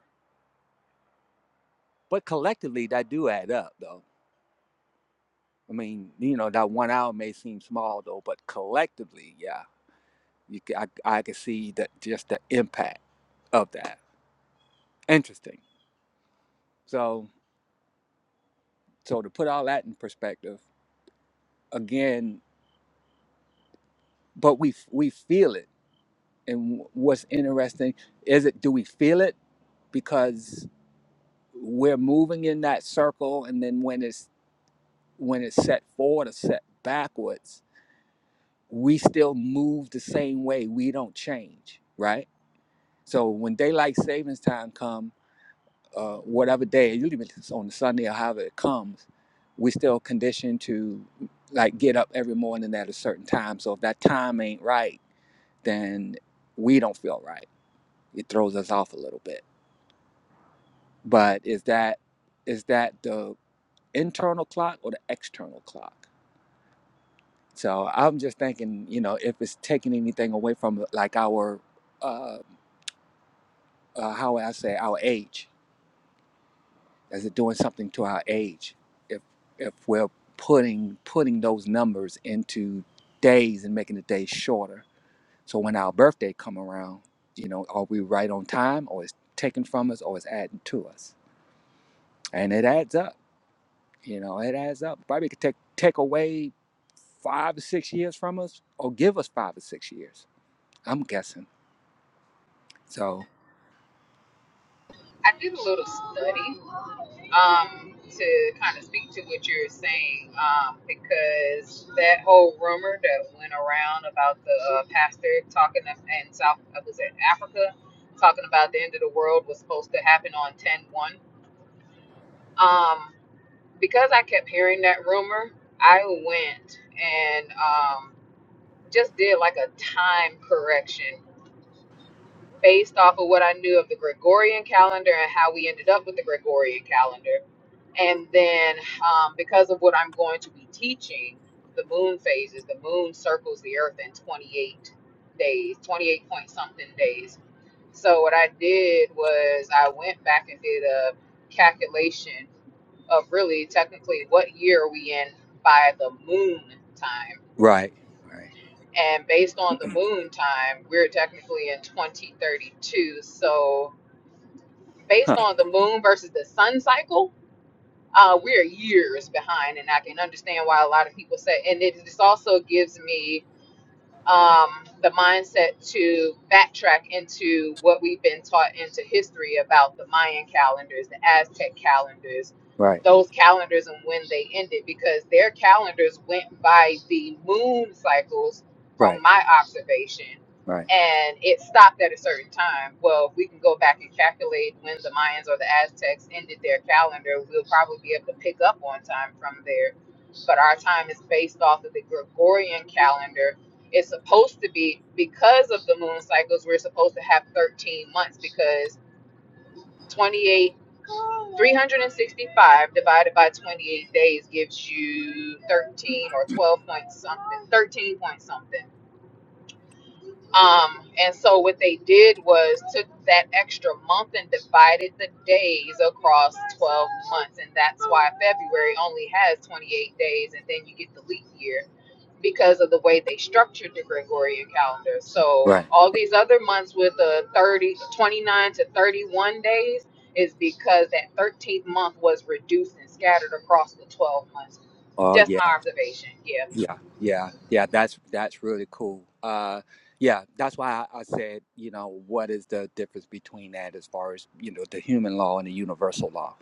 G: But collectively, that do add up, though. I mean, you know, that one hour may seem small, though, but collectively, yeah, you, ca- I, I can see that just the impact of that. Interesting. So, so to put all that in perspective, again, but we we feel it and wh- what's interesting is it do we feel it because we're moving in that circle and then when it's when it's set forward or set backwards we still move the same way we don't change right so when daylight savings time come uh, whatever day usually if it's on sunday or however it comes we still conditioned to like get up every morning at a certain time so if that time ain't right then we don't feel right it throws us off a little bit but is that is that the internal clock or the external clock so i'm just thinking you know if it's taking anything away from like our uh, uh how would i say our age is it doing something to our age if if we're putting putting those numbers into days and making the days shorter so when our birthday come around you know are we right on time or is taken from us or is adding to us and it adds up You know, it adds up. Probably could take take away five or six years from us, or give us five or six years. I'm guessing. So
B: I did a little study um, to kind of speak to what you're saying, um, because that whole rumor that went around about the uh, pastor talking of, in South, uh, was it Africa, talking about the end of the world was supposed to happen on 10 1. Um, because I kept hearing that rumor, I went and um, just did like a time correction based off of what I knew of the Gregorian calendar and how we ended up with the Gregorian calendar And then, um, because of what I'm going to be teaching, the moon phases, the moon circles the earth in 28 days, 28 point something days. So, what I did was I went back and did a calculation of really technically what year are we in by the moon time.
G: right, right,
B: And based on the moon time, we're technically in 2032. So,
G: huh?
B: based on the moon versus the sun cycle, uh, we're years behind, and I can understand why a lot of people say. And it, this also gives me um, the mindset to backtrack into what we've been taught into history about the Mayan calendars, the Aztec calendars,
G: Right,
B: those calendars and when they ended, because their calendars went by the moon cycles from
G: right,
B: my observation.
G: right,
B: And it stopped at a certain time. Well, if we can go back and calculate when the Mayans or the Aztecs ended their calendar, we'll probably be able to pick up on time from there. But our time is based off of the Gregorian calendar, it's supposed to be because of the moon cycles, we're supposed to have 13 months because 28, 365 divided by 28 days gives you 13 or 12 point something, 13 point something. Um, and so what they did was took that extra month and divided the days across 12 months. And that's why February only has 28 days and then you get the leap year because of the way they structured the Gregorian calendar. So
G: right.
B: all these other months with the 30, 29 to 31 days is because that 13th month was reduced and scattered across the 12 months.
G: Oh
B: Just my
G: yeah,
B: observation. Yeah.
G: Yeah, yeah, yeah. That's that's really cool. Uh, yeah, that's why I, I said, you know, what is the difference between that as far as you know the human law and the universal law,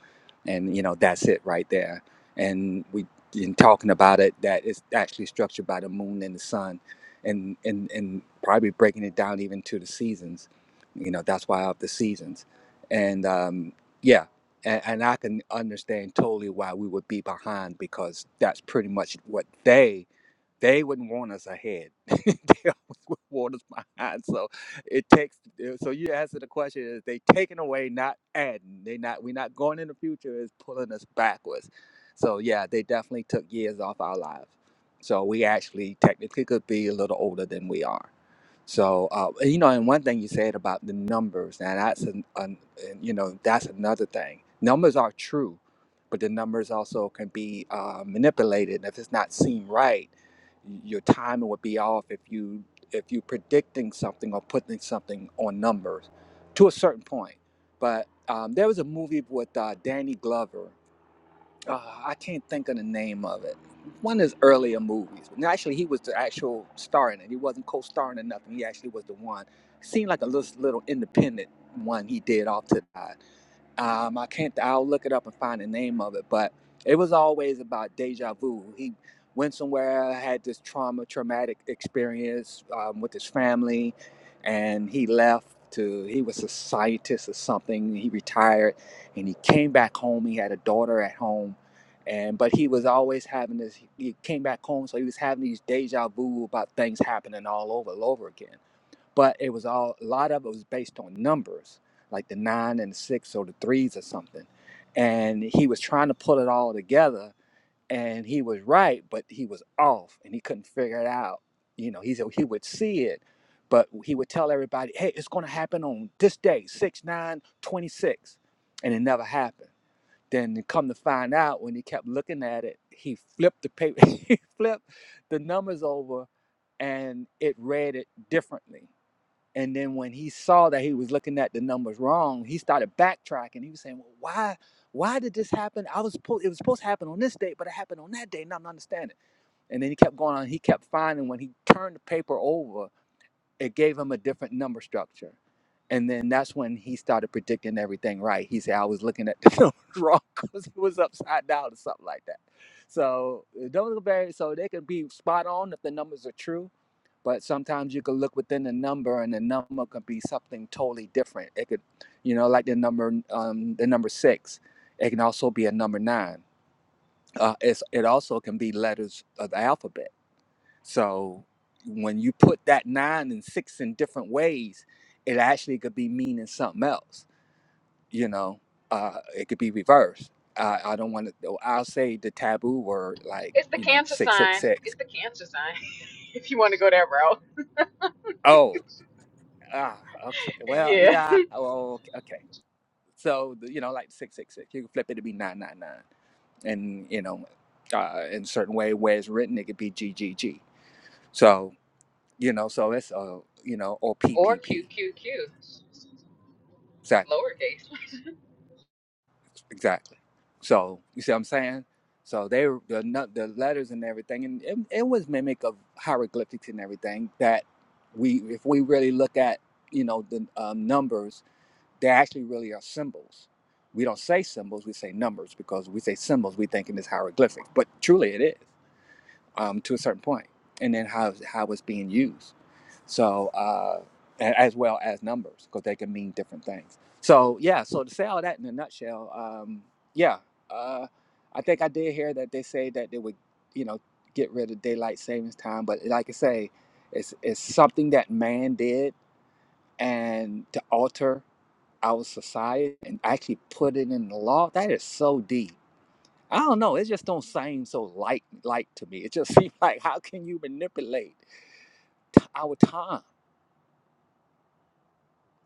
G: and you know that's it right there. And we in talking about it, that it's actually structured by the moon and the sun, and and and probably breaking it down even to the seasons. You know, that's why I have the seasons, and um, yeah, and, and I can understand totally why we would be behind because that's pretty much what they they wouldn't want us ahead. they always would want us behind. So it takes. eh, So you answer the question: Is they taking away, not adding? They not. We're not going in the future. Is pulling us backwards. So yeah, they definitely took years off our lives. So we actually technically could be a little older than we are. So uh, and, you know, and one thing you said about the numbers, now that's an, an, and, you know that's another thing. Numbers are true, but the numbers also can be uh, manipulated if it's not seen right your timing would be off if you if you're predicting something or putting something on numbers to a certain point. But um, there was a movie with uh, Danny Glover. Uh, I can't think of the name of it. One of his earlier movies. And actually, he was the actual star in it. He wasn't co-starring or nothing. He actually was the one. Seemed like a little, little independent one he did off to that. Um, I can't. I'll look it up and find the name of it. But it was always about deja vu. He went somewhere, had this trauma, traumatic experience um, with his family, and he left to. He was a scientist or something. He retired, and he came back home. He had a daughter at home, and but he was always having this. He came back home, so he was having these deja vu about things happening all over, all over again but it was all a lot of it was based on numbers like the nine and the six or the threes or something and he was trying to pull it all together and he was right but he was off and he couldn't figure it out you know he said he would see it but he would tell everybody hey it's going to happen on this day 6 9 26 and it never happened then come to find out when he kept looking at it he flipped the paper he flipped the numbers over and it read it differently and then when he saw that he was looking at the numbers wrong, he started backtracking. He was saying, "Well, why, why did this happen? I was supposed it was supposed to happen on this date, but it happened on that day, Now I'm not understanding." And then he kept going on. He kept finding when he turned the paper over, it gave him a different number structure. And then that's when he started predicting everything right. He said, "I was looking at the numbers wrong because it was upside down or something like that." So uh, don't look very so they can be spot on if the numbers are true but sometimes you can look within the number and the number could be something totally different it could you know like the number um, the number six it can also be a number nine uh, it's, it also can be letters of the alphabet so when you put that nine and six in different ways it actually could be meaning something else you know uh, it could be reversed I, I don't want to i'll say the taboo word like
B: It's the
G: you know
B: cancer sign.
G: 666
B: It's the cancer sign, if you want to go that route.
G: oh ah, okay well
B: Yeah.
G: yeah oh, okay okay. So you know, like six six six, you can flip it to be nine nine nine, and you know, uh, in a certain way where it's written, it could be g g g. So you know, so it's uh, you know, or p
B: Or
G: p
B: Q
G: p.
B: Q Q.
G: Exactly,
B: lowercase.
G: exactly. So you see what I'm saying? So they were- the nu- the letters and everything, and it, it was mimic of hieroglyphics and everything that we, if we really look at, you know, the um, numbers they actually really are symbols. We don't say symbols, we say numbers because we say symbols, we think it is hieroglyphic, but truly it is um, to a certain point, and then how, how it's being used. So, uh, a- as well as numbers because they can mean different things. So, yeah, so to say all that in a nutshell, um, yeah, uh, I think I did hear that they say that they would, you know, get rid of daylight savings time, but like I say, it's, it's something that man did and to alter our society and actually put it in the law, that is so deep. I don't know. It just don't seem so light, light to me. It just seems like how can you manipulate t- our time?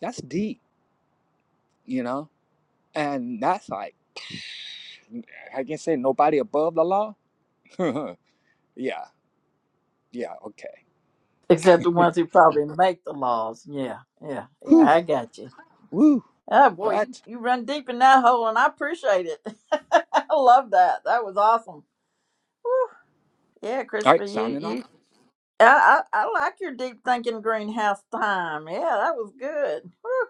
G: That's deep, you know. And that's like I can say nobody above the law. yeah, yeah, okay.
A: Except the ones who probably make the laws. Yeah, yeah, yeah.
G: Whew,
A: I got you.
G: woo.
A: Oh boy, you,
G: What?
A: you run deep in that hole, and I appreciate it. I love that. That was awesome. Whew. Yeah,
G: All
A: Christopher,
G: right,
A: you
G: signing off.
A: you. I, I I like your deep thinking greenhouse time. Yeah, that was good. Whew.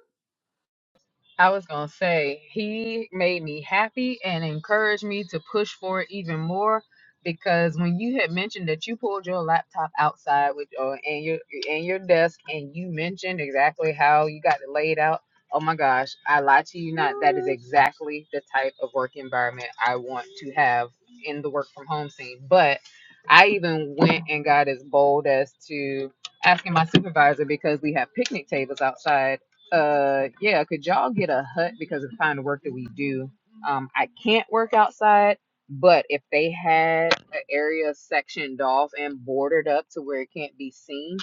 B: I was gonna say he made me happy and encouraged me to push for it even more because when you had mentioned that you pulled your laptop outside with or and your and your desk and you mentioned exactly how you got it laid out. Oh my gosh, I lie to you not. That is exactly the type of work environment I want to have in the work from home scene. But I even went and got as bold as to asking my supervisor because we have picnic tables outside uh yeah could y'all get a hut because of the kind of work that we do um i can't work outside but if they had an area sectioned off and boarded up to where it can't be seen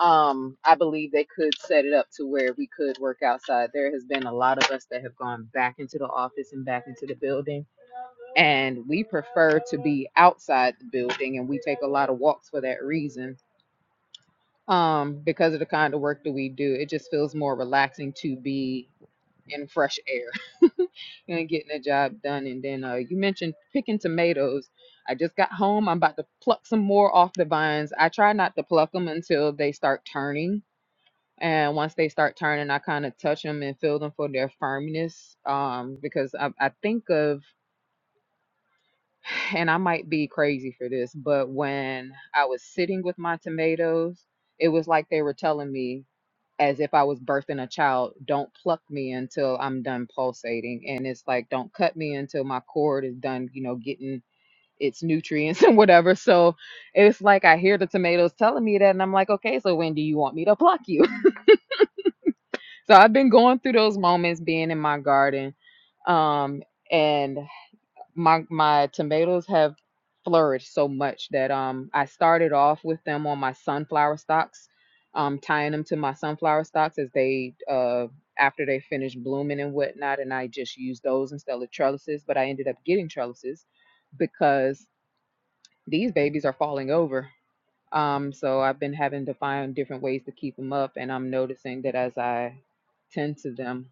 B: um i believe they could set it up to where we could work outside there has been a lot of us that have gone back into the office and back into the building and we prefer to be outside the building and we take a lot of walks for that reason um because of the kind of work that we do it just feels more relaxing to be and fresh air and getting the job done. And then uh, you mentioned picking tomatoes. I just got home. I'm about to pluck some more off the vines. I try not to pluck them until they start turning. And once they start turning, I kind of touch them and feel them for their firmness. Um, because I, I think of, and I might be crazy for this, but when I was sitting with my tomatoes, it was like they were telling me as if I was birthing a child. Don't pluck me until I'm done pulsating. And it's like, don't cut me until my cord is done, you know, getting its nutrients and whatever. So it's like I hear the tomatoes telling me that. And I'm like, okay, so when do you want me to pluck you? so I've been going through those moments being in my garden. Um, and my my tomatoes have flourished so much that um I started off with them on my sunflower stocks, um tying them to my sunflower stocks as they uh after they finished blooming and whatnot, and I just used those instead of trellises. But I ended up getting trellises because these babies are falling over. Um, so I've been having to find different ways to keep them up, and I'm noticing that as I tend to them,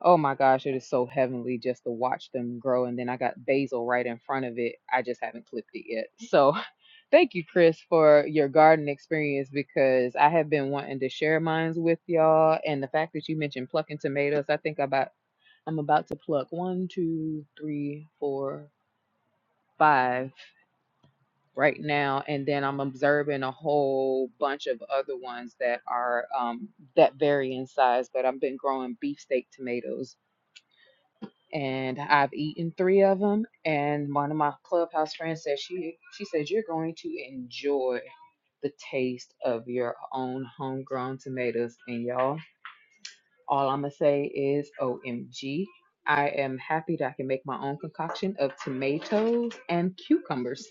B: Oh my gosh, it is so heavenly just to watch them grow. And then I got basil right in front of it. I just haven't clipped it yet. So thank you, Chris, for your garden experience because I have been wanting to share mines with y'all. And the fact that you mentioned plucking tomatoes, I think about I'm about to pluck one, two, three, four, five right now. And then I'm observing a whole bunch of other ones that are um that vary in size, but I've been growing beefsteak tomatoes and I've eaten three of them. And one of my clubhouse friends said she she said you're going to enjoy the taste of your own homegrown tomatoes. And y'all, all I'm gonna say is O M G! I am happy that I can make my own concoction of tomatoes and cucumbers.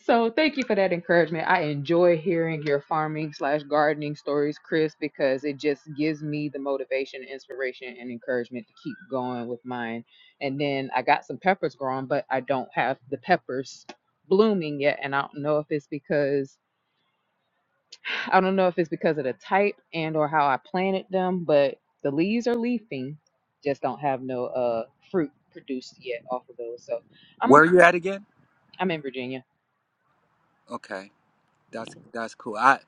B: So thank you for that encouragement. I enjoy hearing your farming slash gardening stories, Chris, because it just gives me the motivation, inspiration, and encouragement to keep going with mine. And then I got some peppers growing, but I don't have the peppers blooming yet. And I don't know if it's because I don't know if it's because of the type and or how I planted them, but the leaves are leafing, just don't have no uh fruit produced yet off of those. So I'm a,
G: Where you at again?
B: I'm in Virginia.
G: Okay, that's that's cool. I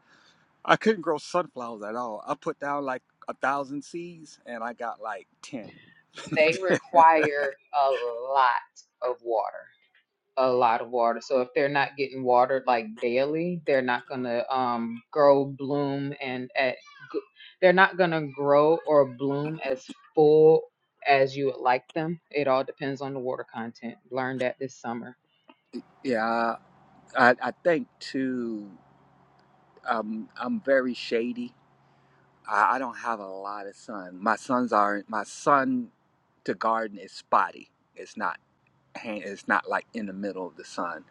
G: I couldn't grow sunflowers at all. I put down like a thousand seeds and I got like ten.
B: They require a lot of water, a lot of water. So if they're not getting watered like daily, they're not gonna um grow, bloom, and at they're not gonna grow or bloom as full as you would like them. It all depends on the water content. Learned that this summer.
G: Yeah, I, I think too. Um, I'm very shady. I, I don't have a lot of sun. My sons are my son to garden is spotty. It's not hand- it's not like in the middle of the sun.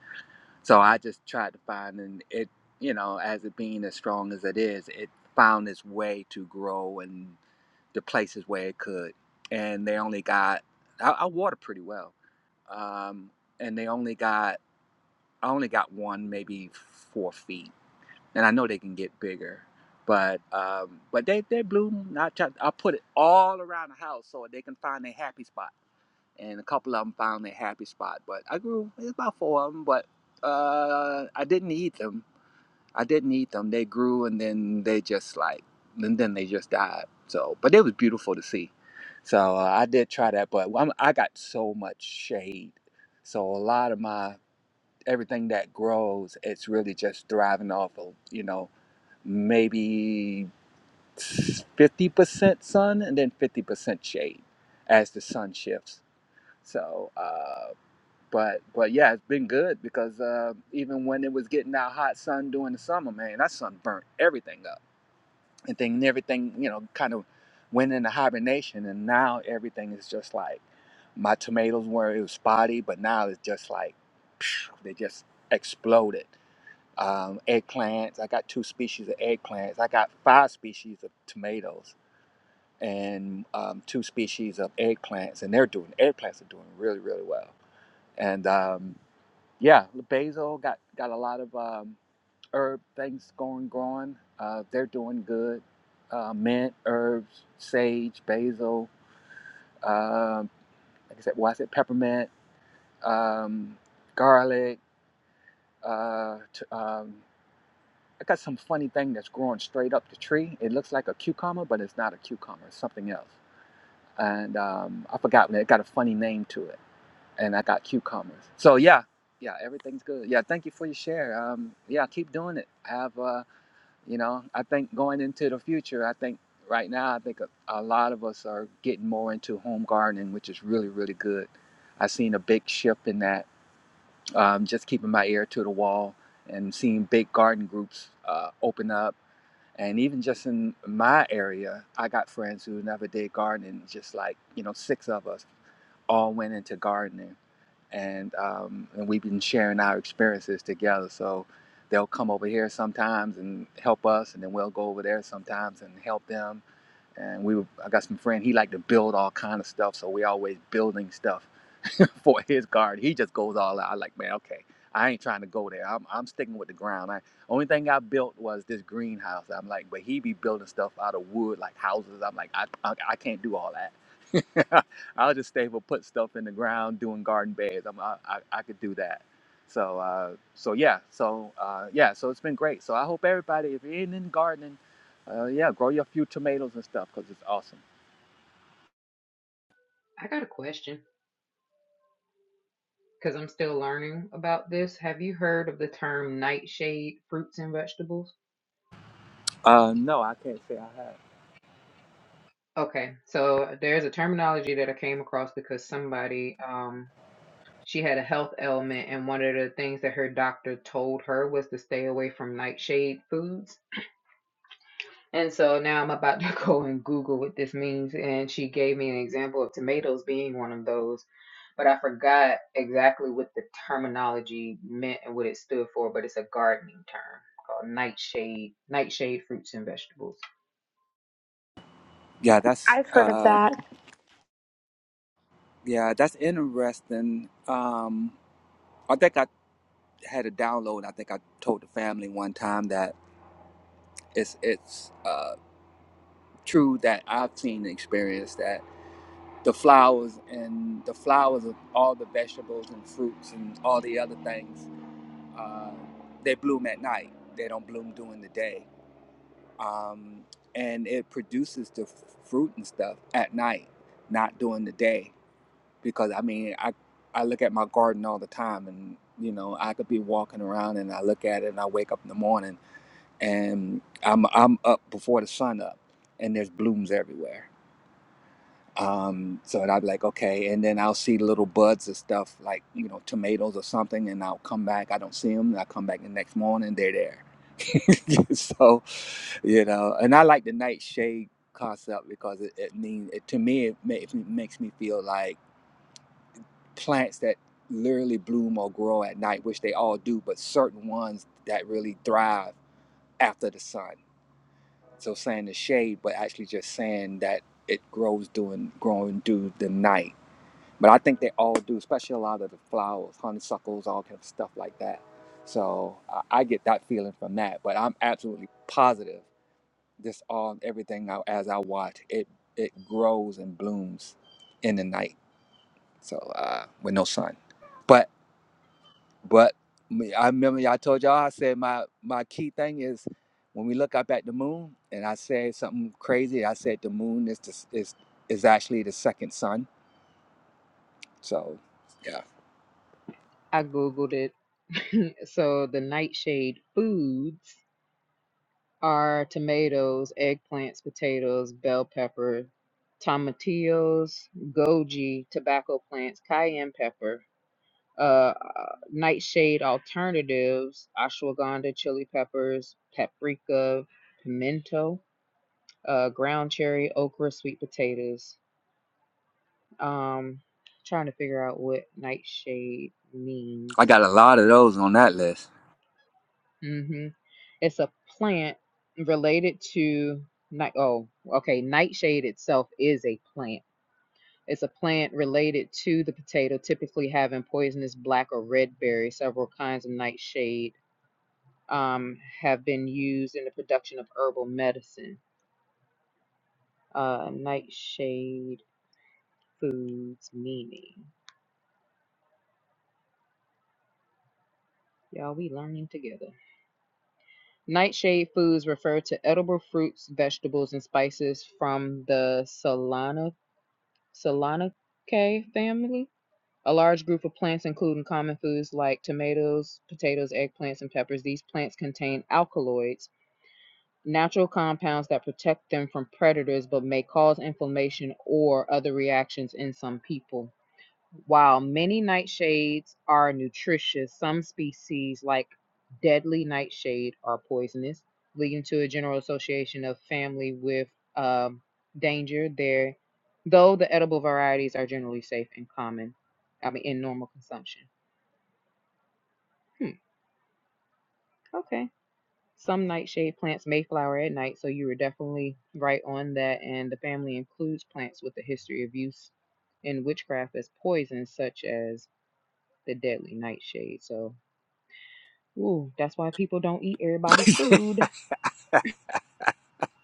G: So I just tried to find and it you know as it being as strong as it is, it found its way to grow in the places where it could. And they only got I, I water pretty well, um, and they only got I only got one maybe four feet and I know they can get bigger, but um, but they they bloom. I try, I put it all around the house so they can find their happy spot, and a couple of them found their happy spot. But I grew it's about four of them, but uh, I didn't eat them. I didn't eat them. They grew and then they just like and then they just died. So, but it was beautiful to see. So uh, I did try that, but I'm, I got so much shade. So a lot of my everything that grows, it's really just thriving off of you know maybe 50% sun and then 50% shade as the sun shifts. So, uh, but but yeah, it's been good because uh, even when it was getting that hot sun during the summer, man, that sun burnt everything up. And then everything, you know, kind of went into hibernation. And now everything is just like my tomatoes were, it was spotty, but now it's just like they just exploded um, eggplants. I got two species of eggplants. I got five species of tomatoes and um, two species of eggplants, and they're doing eggplants are doing really really well. And um, yeah, basil got got a lot of um, herb things going growing. Uh, they're doing good. Uh, mint, herbs, sage, basil. Um, like I said, well, I said peppermint, um, garlic, uh, t um, I got some funny thing that's growing straight up the tree. It looks like a cucumber, but it's not a cucumber. It's something else. And um, I forgot. It got a funny name to it. And I got cucumbers. So yeah, yeah, everything's good. Yeah, thank you for your share. Um, yeah, keep doing it. I Have uh, you know? I think going into the future, I think right now, I think a, a lot of us are getting more into home gardening, which is really, really good. I've seen a big shift in that. Um, just keeping my ear to the wall and seeing big garden groups uh, open up and even just in my area, I got friends who never did gardening. Just like you know, six of us all went into gardening, and um, and we've been sharing our experiences together. So they'll come over here sometimes and help us, and then we'll go over there sometimes and help them. And we, were, I got some friend. He liked to build all kind of stuff, so we always building stuff. for his guard. He just goes all out. I am like, man, okay, I ain't trying to go there. I'm, I'm sticking with the ground. I only thing I built was this greenhouse. I'm like, but he be building stuff out of wood, like houses. I'm like, I, I, I can't do all that. I'll just stay for put stuff in the ground, doing garden beds. I'm, I, I, I could do that. So, uh, so yeah, so uh, yeah, so it's been great. So I hope everybody, if you're in in gardening, uh, yeah, grow your few tomatoes and stuff because it's awesome.
B: I got a question because I'm still learning about this. Have you heard of the term nightshade fruits and vegetables?
G: Uh, no, I can't say I have.
B: Okay, so there's a terminology that I came across because somebody um She had a health ailment, and one of the things that her doctor told her was to stay away from nightshade foods. And so now I'm about to go and Google what this means. And she gave me an example of tomatoes being one of those, but I forgot exactly what the terminology meant and what it stood for, but it's a gardening term called nightshade, nightshade fruits and vegetables.
G: Yeah, that's.
I: I've heard of
G: uh.
I: that.
G: Yeah, that's interesting. Um, I think I had a download. I think I told the family one time that it's it's uh, true that I've seen the experience that the flowers and the flowers of all the vegetables and fruits and all the other things uh, they bloom at night. They don't bloom during the day, um, and it produces the f- fruit and stuff at night, not during the day. because I mean, I I look at my garden all the time, and you know, I could be walking around and I look at it, and I wake up in the morning, and I'm I'm up before the sun up, and there's blooms everywhere. Um, so and I'm like, okay, and then I'll see little buds and stuff like you know tomatoes or something, and I'll come back, I don't see them, and I come back the next morning, they're there. so you know, and I like the nightshade concept because it, it means it, to me it, ma- it makes me feel like plants that literally bloom or grow at night, which they all do, but certain ones that really thrive after the sun. So saying the shade, but actually just saying that it grows during growing through the night. But I think they all do, especially a lot of the flowers, honeysuckles, all kind of stuff like that. So I, I get that feeling from that. But I'm absolutely positive this all everything I, as I watch it, it grows and blooms in the night. So uh, with no sun. but But me, I remember yeah, I told y'all I said my my key thing is when we look up at the moon, and I said something crazy. I said the moon is the, is is actually the second sun. So yeah,
B: I Googled it. so the nightshade foods are tomatoes, eggplants, potatoes, bell pepper, tomatillos, goji, tobacco plants, cayenne pepper, uh, nightshade alternatives, ashwagandha, chili peppers, paprika, pimento, uh, ground cherry, okra, sweet potatoes. Um, trying to figure out what nightshade means.
G: I got a lot of those on that list.
B: hmm It's a plant related to night. Oh, okay. Nightshade itself is a plant. It's a plant related to the potato, typically having poisonous black or red berries. Several kinds of nightshade um, have been used in the production of herbal medicine. Uh, nightshade foods meaning. Y'all, we learning together. Nightshade foods refer to edible fruits, vegetables, and spices from the Solana Solanaceae family A large group of plants, including common foods like tomatoes, potatoes, eggplants, and peppers, these plants contain alkaloids, natural compounds that protect them from predators but may cause inflammation or other reactions in some people. While many nightshades are nutritious, some species, like deadly nightshade, are poisonous, leading to a general association of family with um, danger. There, though the edible varieties are generally safe and common, I mean, in normal consumption. Hmm, okay. Some nightshade plants may flower at night, so you were definitely right on that. And the family includes plants with a history of use in witchcraft as poison, such as the deadly nightshade. So Ooh, that's why people don't eat everybody's food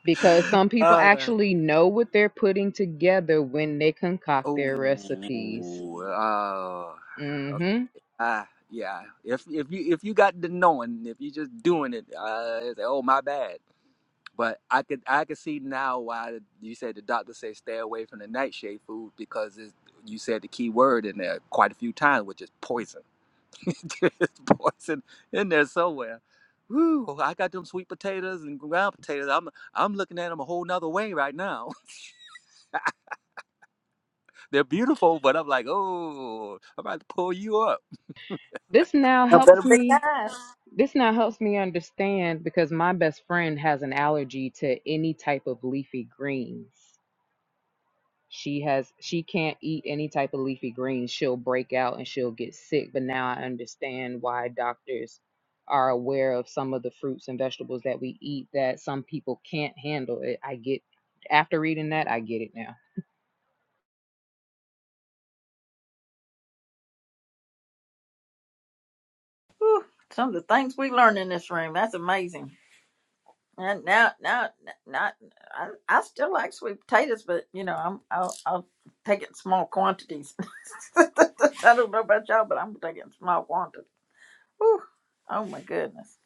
B: because some people
G: Uh,
B: actually know what they're putting together when they concoct their recipes.
G: oh, uh,
B: Mhm.
G: uh, yeah. If if you if you got the knowing, if you just doing it, uh, it's, oh my bad. But I could I could see now why you said the doctor said stay away from the nightshade food because it's, you said the key word in there quite a few times, which is poison. There's poison in there somewhere. Woo! I got them sweet potatoes and ground potatoes. I'm I'm looking at them a whole nother way right now. They're beautiful, but I'm like, oh, I'm about to pull you up.
B: This now
A: I better
B: helps
A: be
B: me
A: nice.
B: this now helps me understand because my best friend has an allergy to any type of leafy greens. She has she can't eat any type of leafy greens. She'll break out and she'll get sick. But now I understand why doctors are aware of some of the fruits and vegetables that we eat that some people can't handle. It I get after reading that, I get it now.
A: Some of the things we learn in this room. That's amazing. And now, now, not I, I still like sweet potatoes, but you know, I'm I'll, I'll take it in small quantities. I don't know about y'all, but I'm gonna take it in small Whew. Oh my goodness.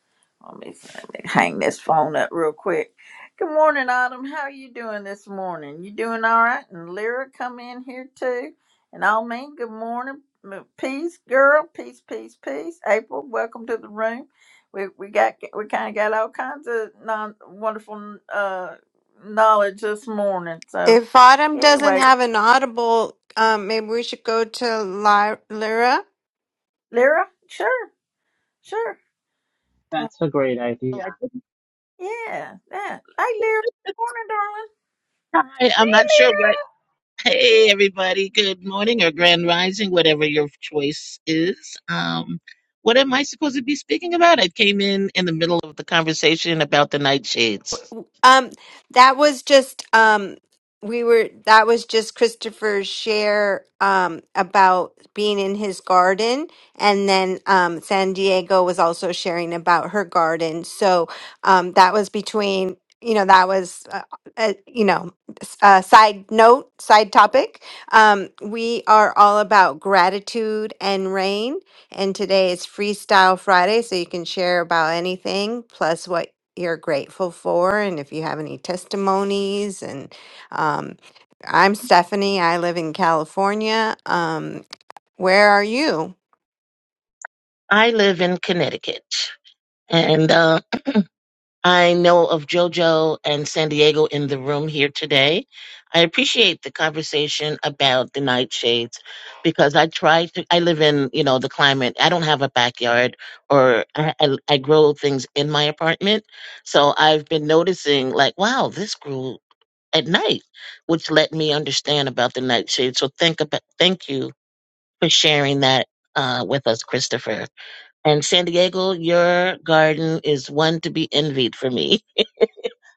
A: Let me, let me hang this phone up real quick. Good morning, Autumn. How are you doing this morning? You doing all right? And Lyra come in here too. And all mean good morning. M- Peace, girl. Peace, peace, peace. April, welcome to the room. We we got we kind of got all kinds of non wonderful uh knowledge this morning. So
F: If Autumn doesn't
A: anyway,
F: have an audible, um, maybe we should go to Ly- Lyra.
A: Lyra, sure, sure. Uh,
E: that's a great
J: Well,
E: idea.
J: I didn't-
A: yeah, yeah. Hey, Lyra. Good morning,
J: Hi, I'm not sure what. Hey, everybody. Good morning or grand rising, whatever your choice is. Um, what am I supposed to be speaking about? I came in in the middle of the conversation about the nightshades.
F: Um, that was just um we were that was just Christopher's share um about being in his garden and then um San Diego was also sharing about her garden. So um that was between you know that was uh, uh, you know s- a side note side topic um, we are all about gratitude and rain and today is freestyle friday so you can share about anything plus what you're grateful for and if you have any testimonies and um, i'm stephanie i live in california um, where are you
J: I live in Connecticut, and um, I know of JoJo and San Diego in the room here today. I appreciate the conversation about the nightshades because I try to, I live in, you know, the climate. I don't have a backyard or I, I, I grow things in my apartment. So I've been noticing like, wow, this grew at night, which let me understand about the nightshade. So think about, thank you for sharing that uh, with us, Christopher. And San Diego, your garden is one to be envied for me.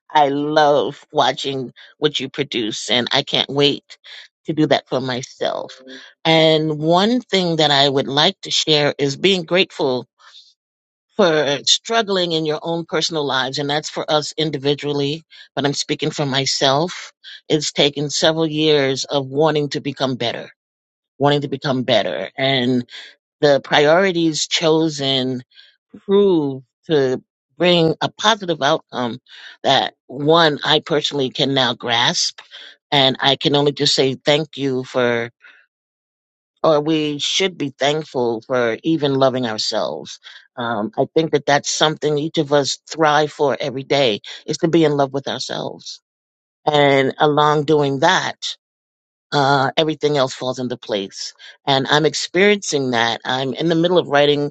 J: I love watching what you produce, and I can't wait to do that for myself. And one thing that I would like to share is being grateful for struggling in your own personal lives, and that's for us individually, but I'm speaking for myself. It's taken several years of wanting to become better, wanting to become better the priorities chosen prove to bring a positive outcome that one I personally can now grasp. And I can only just say thank you for, or we should be thankful for even loving ourselves. Um, I think that that's something each of us thrive for every day is to be in love with ourselves. And along doing that, uh, everything else falls into place. And I'm experiencing that. I'm in the middle of writing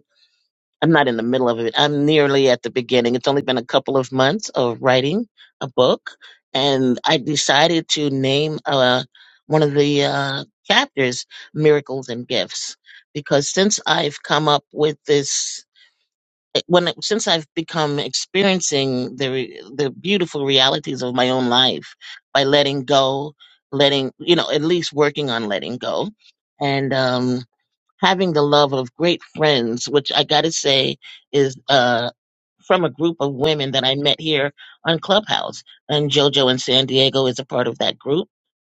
J: I'm not in the middle of it. I'm nearly at the beginning. It's only been a couple of months of writing a book, and I decided to name uh, one of the uh, chapters "Miracles and Gifts" because since I've come up with this, when since I've become experiencing the re- the beautiful realities of my own life by letting go, letting you know, at least working on letting go, and um having the love of great friends, which I got to say is uh, from a group of women that I met here on Clubhouse. And JoJo in San Diego is a part of that group.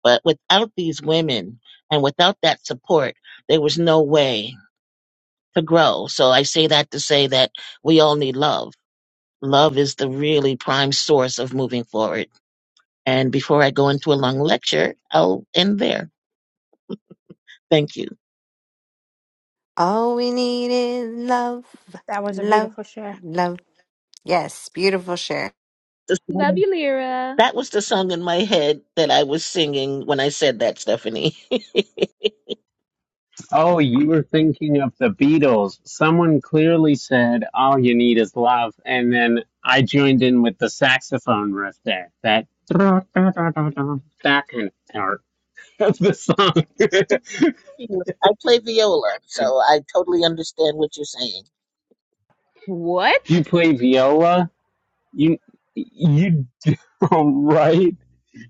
J: But without these women and without that support, there was no way to grow. So I say that to say that we all need love. Love is the really prime source of moving forward. And before I go into a long lecture, I'll end there. Thank you.
F: all we need is love
I: That was a
F: love
I: beautiful share.
F: love yes beautiful share
B: Love you, Lyra.
J: That was the song in my head that I was singing when I said that, Stephanie.
E: Oh, you were thinking of the Beatles. Someone clearly said, All you need is love. And then I joined in with the saxophone riff there. That da, da, da, da, da, that kind of part of the song.
J: Anyway, I play viola, so I totally understand what you're saying.
E: you
B: What?
E: play viola? You you right?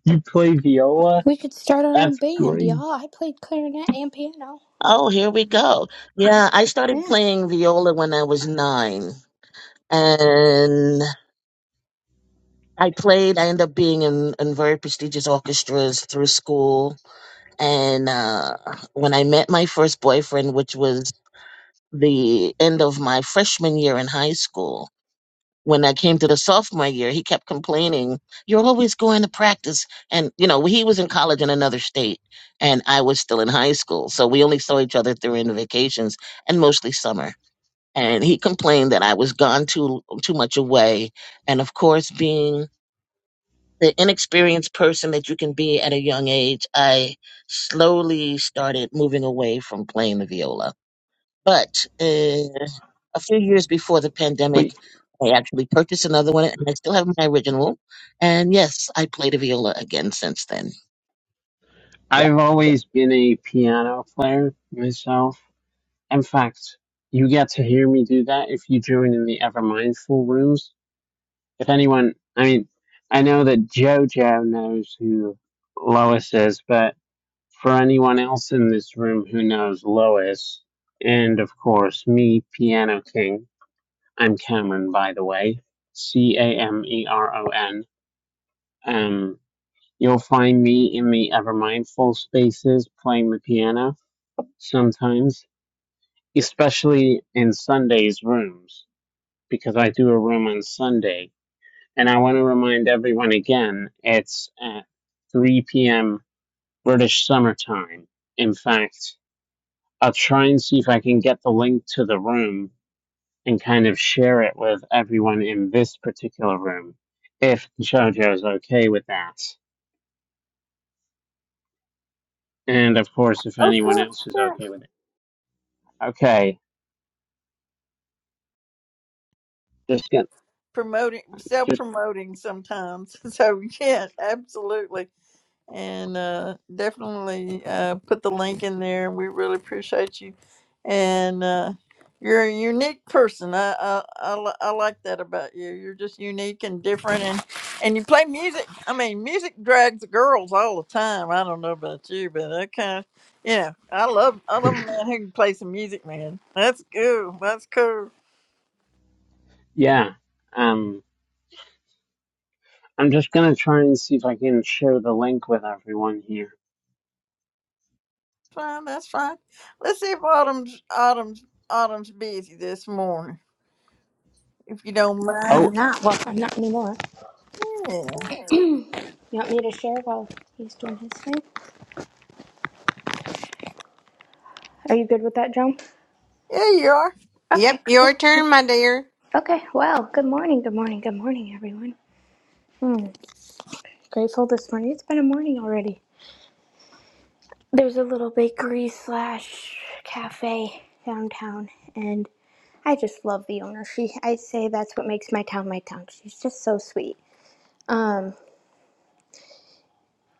E: You play viola?
I: We could start our own
E: That's
I: band,
E: great.
I: y'all. I played clarinet and piano.
J: Oh, here we go. Yeah, I
I: Yeah,
J: started playing viola when I was nine. And I played, I ended up being in, in very prestigious orchestras through school. And uh, when I met my first boyfriend, which was the end of my freshman year in high school, when I came to the sophomore year, he kept complaining, You're always going to practice. And, you know, he was in college in another state and I was still in high school. So we only saw each other during the vacations and mostly summer. And he complained that I was gone too too much away. And of course, being the inexperienced person that you can be at a young age, I slowly started moving away from playing the viola. But uh, a few years before the
E: But
J: pandemic, I actually purchased another one, and I still have my original. And yes, I play the viola again since then. Yeah.
E: I've always been a piano player myself. In fact, you get to hear me do that if you join in the Ever Mindful rooms. If anyone, I mean, I know that JoJo knows who Lois is, but for anyone else in this room who knows Lois, and of course me, Piano King, I'm Cameron, by the way, C A M E R O N. Um, you'll find me in the Ever Mindful spaces playing the piano sometimes, especially in Sunday's rooms because I do a room on Sunday. And I want to remind everyone again, it's at 3 p.m. British Summer Time. In fact, I'll try and see if I can get the link to the room and kind of share it with everyone in this particular room, if JoJo is okay with that. And of course,
A: darling.
E: if
A: Oh,
E: anyone
A: sure,
E: else is
A: sure.
E: okay with it. Okay, just get,
A: promoting self
E: just,
A: promoting sometimes so yeah absolutely and uh definitely uh put the link in there we really appreciate you and uh you're a unique person I, I i li- i like that about you you're just unique and different and and you play music i mean music drags the girls all the time i don't know about you but that kind of you know i love i love a man who can play some music man that's cool that's cool
E: yeah. Um, I'm just gonna try and see if I can share the link with everyone here.
A: fine. That's fine. Let's see if Autumn's Autumn's Autumn's busy this morning. If you don't
I: I
A: mind.
I: am
E: Oh.
I: not. Well, I'm not anymore.
A: Yeah.
I: You want me to share while he's doing his thing? Are you good with that, Joan?
A: Yeah, you are.
F: yep
I: Okay,
F: your
I: cool, cool.
F: turn my dear
I: Okay, well, good morning, good morning, good morning, everyone. Hmm, grateful this morning. It's been a morning already. There's a little bakery slash cafe downtown, and I just love the owner. She, I say that's what makes my town my town. She's just so sweet. Um,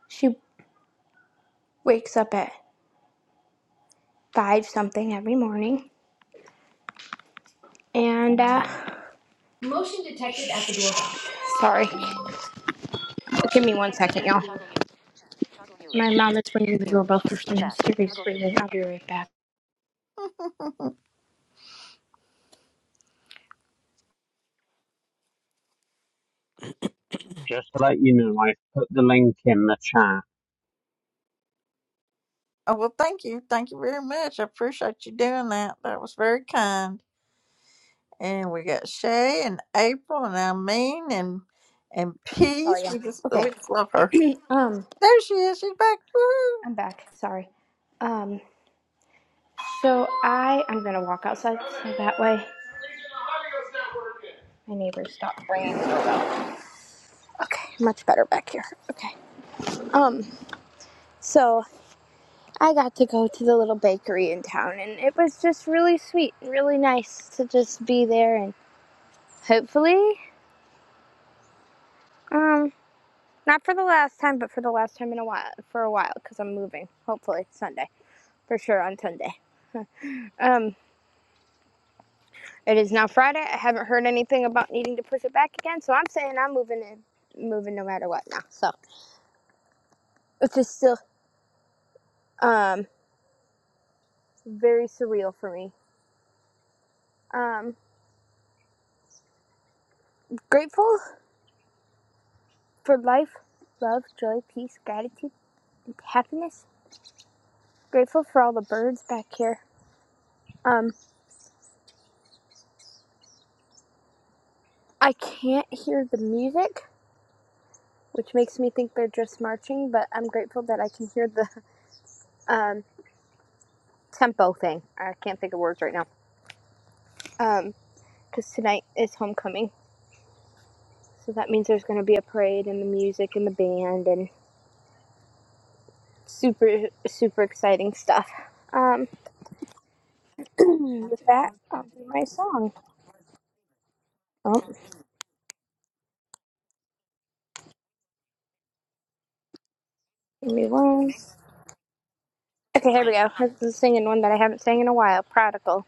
I: She wakes up at five something every morning. And uh, motion detected at the doorbell. sorry, give me one second, y'all. My mom is ringing the doorbell for some mysterious reason. I'll be right back.
E: Just to let you know, I put the link in the chat.
A: Oh, well, thank you. Thank you very much. I appreciate you doing that. That was very kind. And we got Shay and April and I mean and and Peace.
I: Sorry, y'all.
A: We just
I: Okay.
A: we just love her.
I: um,
A: There she is. She's back. Woo!
I: I'm back. Sorry. Um, so I I'm gonna walk outside so that way my neighbors stop ringing. Okay, much better back here. Okay. Um, so I got to go to the little bakery in town, and it was just really sweet, and really nice to just be there, and hopefully, um, not for the last time, but for the last time in a while, for a while, because I'm moving. Hopefully Sunday, for sure on Sunday. Um, it is now Friday. I haven't heard anything about needing to push it back again, so I'm saying I'm moving in, moving no matter what now. So it's just still um very surreal for me. Um, grateful for life, love, joy, peace, gratitude, and happiness Grateful for all the birds back here. Um, I can't hear the music, which makes me think they're just marching, but I'm grateful that I can hear the um, tempo thing. I can't think of words right now. Um, Because tonight is homecoming, so that means there's going to be a parade and the music and the band and super, super exciting stuff. Um, with that, I'll do my song. Oh, give me one. Okay, here we go. i is singing one that I haven't sang in a while. Prodigal.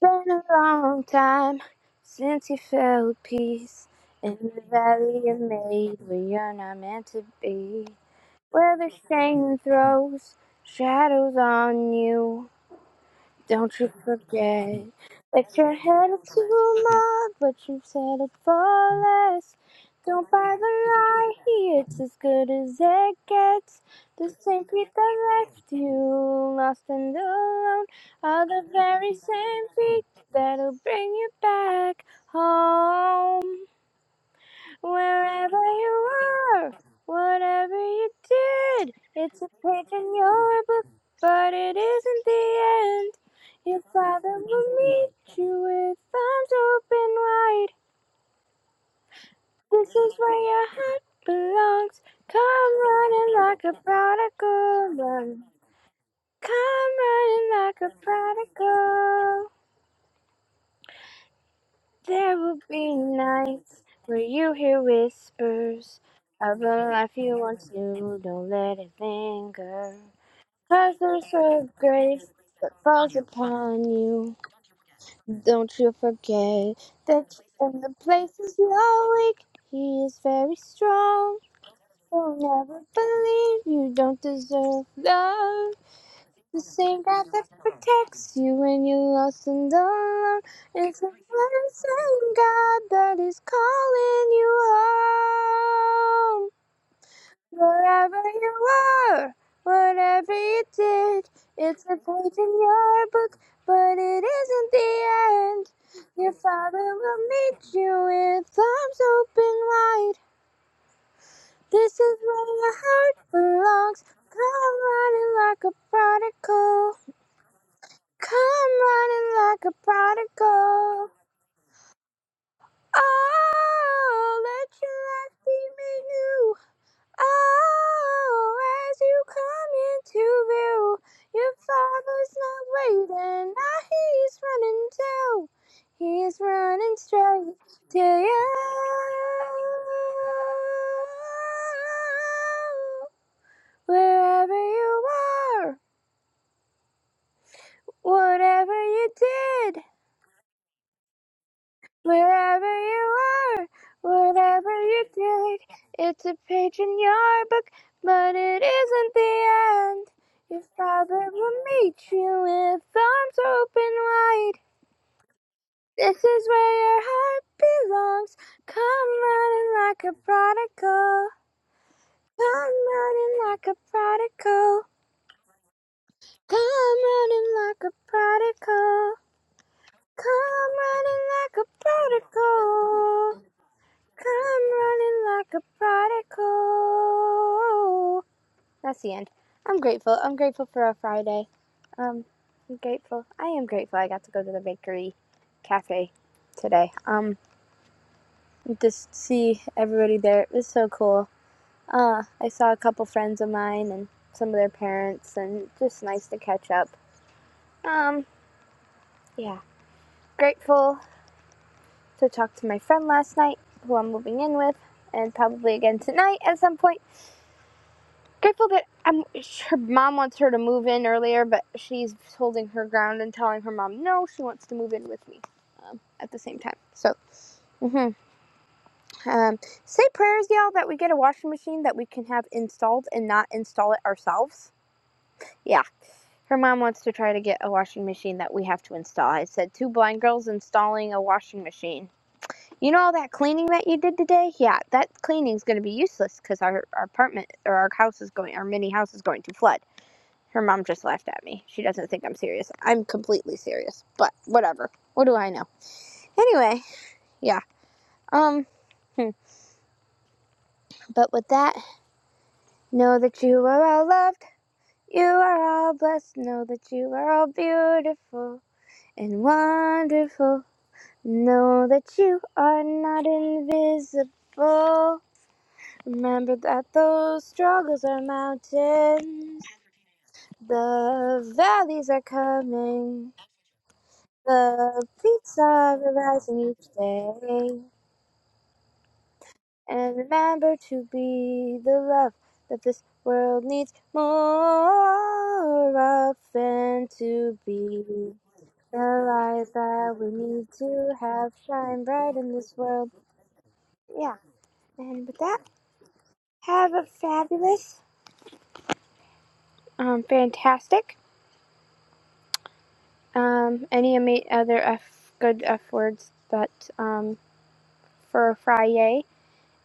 I: Been a long time since you felt peace in the valley you made where you're not meant to be. Where the shame throws shadows on you. Don't you forget that your head is too long, but you've settled for less. Don't buy the lie, it's as good as it gets. The same feet that left you lost and alone are the very same feet that'll bring you back home. Wherever you are, whatever you did, it's a page in your book, but it isn't the end. Your father will meet you with arms open wide. This is where your heart belongs. Come running like a prodigal. Love. Come running like a prodigal. There will be nights where you hear whispers of a life you once knew. Don't let it linger. Cause there's a grace that falls upon you. Don't you forget that in the places you are weak, He is very strong. He'll never believe you don't deserve love. The same God that protects you when you're lost and alone is the very same God that is calling you home. Wherever you are, whatever you did, it's a page in your book, but it isn't the end. Your Father will meet you with arms open wide. This is where your heart belongs. Come running like a prodigal. Come running like a prodigal. Oh, let your life be made new. Oh, as you come into view, your father's not waiting. Now he's running too. He's running straight to you. Wherever you are, whatever you did. Wherever you are, whatever you did, it's a page in your book, but it isn't the end. Your father will meet you with arms open wide. This is where your heart belongs. Come running like a prodigal. Come running like a prodigal. Come running like a prodigal. Come running like a prodigal. Come running like a prodigal. That's the end. I'm grateful. I'm grateful for a Friday. Um, I'm grateful. I am grateful. I got to go to the bakery cafe today. Um, just see everybody there. It was so cool. Uh, I saw a couple friends of mine and some of their parents, and just nice to catch up. Um, yeah, grateful to talk to my friend last night, who I'm moving in with, and probably again tonight at some point. grateful that um, her mom wants her to move in earlier, but she's holding her ground and telling her mom no, she wants to move in with me um, at the same time. So, mm hmm um, say prayers, y'all, that we get a washing machine that we can have installed and not install it ourselves. Yeah, her mom wants to try to get a washing machine that we have to install. I said, two blind girls installing a washing machine. You know all that cleaning that you did today? Yeah, that cleaning's going to be useless because our, our apartment or our house is going, our mini house is going to flood. Her mom just laughed at me. She doesn't think I'm serious. I'm completely serious, but whatever. What do I know? Anyway, yeah. Um, hmm. but with that, know that you are all loved. You are all blessed. Know that you are all beautiful and wonderful. Know that you are not invisible. Remember that those struggles are mountains, the valleys are coming. The beats are rising each day. And remember to be the love that this world needs more of and to be the light that we need to have shine bright in this world. Yeah. And with that, have a fabulous, um, fantastic, um, any ama- other F good F words that, um, for Friday.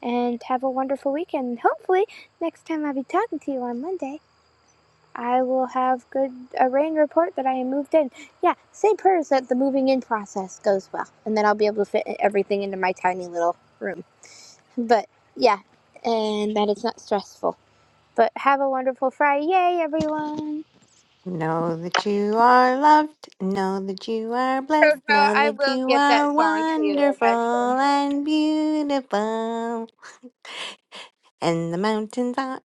I: and have a wonderful weekend. Hopefully, next time I'll be talking to you on Monday, I will have good a rain report that I am moved in. Yeah, say prayers that the moving in process goes well, and then I'll be able to fit everything into my tiny little room. But yeah, and that it's not stressful. But have a wonderful Friday, Yay, everyone!
F: know that you are loved know that you are
I: Jojo,
F: blessed know
I: I
F: that
I: will
F: you
I: get that
F: are
I: song to you eventually.
F: wonderful and beautiful and the mountains are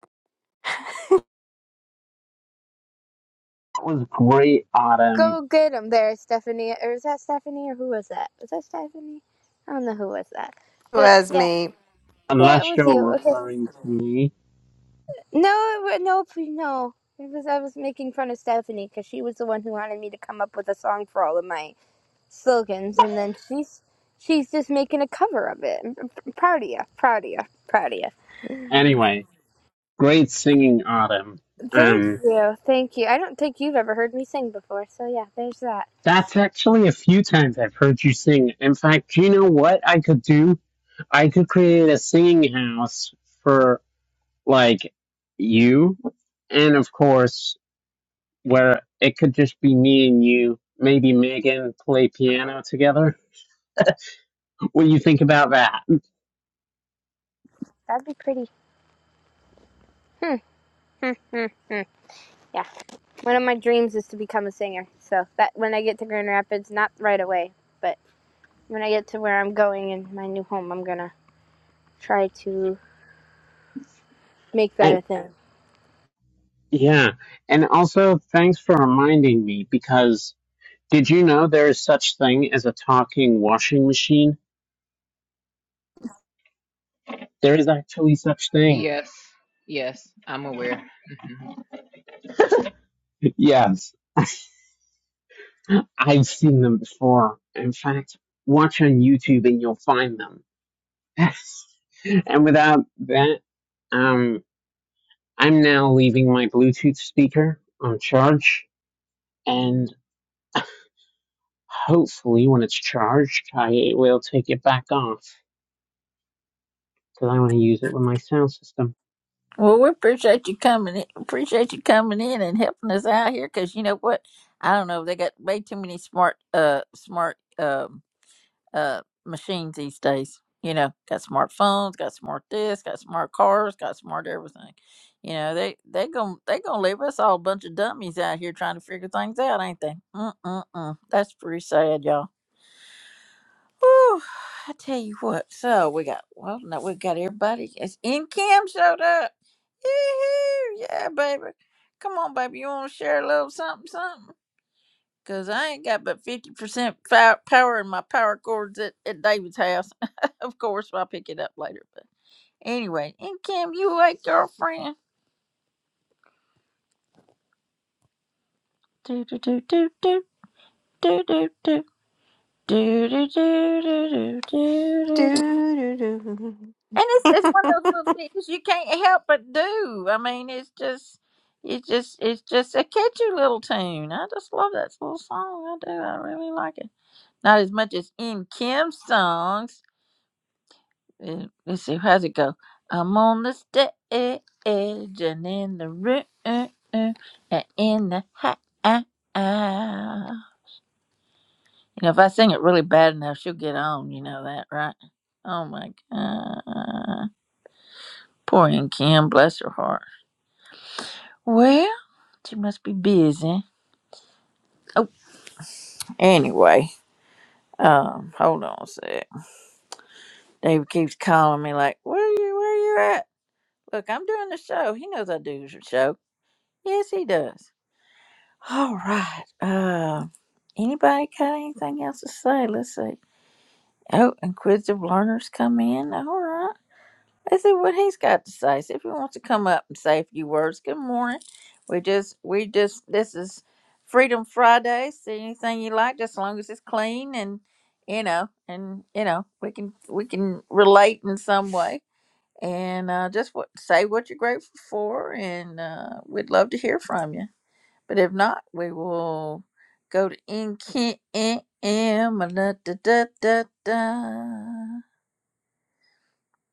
E: That was great, Adam.
I: Go get 'em there, Stephanie. Or is that Stephanie? Or who was that? Was that Stephanie? I don't know who was that. But
F: was
I: yeah.
F: me
I: Yeah, it
E: Unless
I: was
E: you're
I: you. Okay.
E: referring to me.
I: No, it, wa- no, please, no. It was I was making fun of Stephanie because she was the one who wanted me to come up with a song for all of my slogans, and then she's she's just making a cover of it. I'm, I'm proud of you. Proud of you. Proud of you.
E: Anyway, great singing, Adam.
I: Thank
E: Um,
I: you. Thank you. I don't think you've ever heard me sing before, so yeah, there's that.
E: that's actually a few times I've heard you sing. In fact, do you know what I could do? I could create a singing house for, like, you. And of course, where it could just be me and you, maybe Megan play piano together. What do you think about that?
I: That'd be pretty. Mm-hmm. Yeah. One of my dreams is to become a singer. So that when I get to Grand Rapids, not right away, but when I get to where I'm going in my new home, I'm gonna try to. make that a thing.
E: Yeah. And also, thanks for reminding me because did you know there is such thing as a talking washing machine? There is actually such thing.
B: Yes. Yes, I'm aware. Mhm.
E: Yes. I've seen them before. In fact, watch on YouTube and you'll find them. and without that, um, I'm now leaving my Bluetooth speaker on charge and hopefully when it's charged, I will take it back off because I want to use it with my sound system.
A: Well, we appreciate you coming. In, appreciate you coming in and helping us out here. Cause you know what? I don't know. They got way too many smart, uh, smart, um uh, machines these days. You know, got smartphones, got smart this, got smart cars, got smart everything. You know, they they gonna they gonna leave us all a bunch of dummies out here trying to figure things out, ain't they? Mm mm mm. That's pretty sad, y'all. Whew, I tell you what. So we got well, no, we got everybody. It's in Kim showed up. Yee-hoo, Yeah, baby. Come on, baby. You want to share a little something, something? Cause I ain't got but fifty percent power in my power cords at, at David's house. of course, I'll pick it up later. But anyway, and Kim, you like girlfriend? Do do do do do do do do do do do do do do do.
F: Doo-doo-doo.
A: And it's it's one of those little things you can't help but do. I mean, it's just it's just it's just a catchy little tune. I just love that little song. I do. I really like it. Not as much as in Kim's songs Uh, Let's see, how's it go? I'm on the stage and in the room and in the house. You know, if I sing it really bad enough, she'll get on. You know that, right? Oh my God. Poor Aunt Kim, bless her heart. Well, she must be busy. Oh, anyway, um, hold on a sec. David keeps calling me like, where you, where you at? Look, I'm doing the show. He knows I do the show. Yes, he does. All right. Uh, anybody got anything else to say? Let's see. Oh, inquisitive learners come in. All right. Let's see what he's got to say. See if he wants to come up and say a few words. Good morning. We just, we just, this is Freedom Friday. See anything you like, just as long as it's clean and, you know, and you know, we can, we can relate in some way. And uh, just what, say what you're grateful for, and uh, we'd love to hear from you. But if not, we will go to in Kim.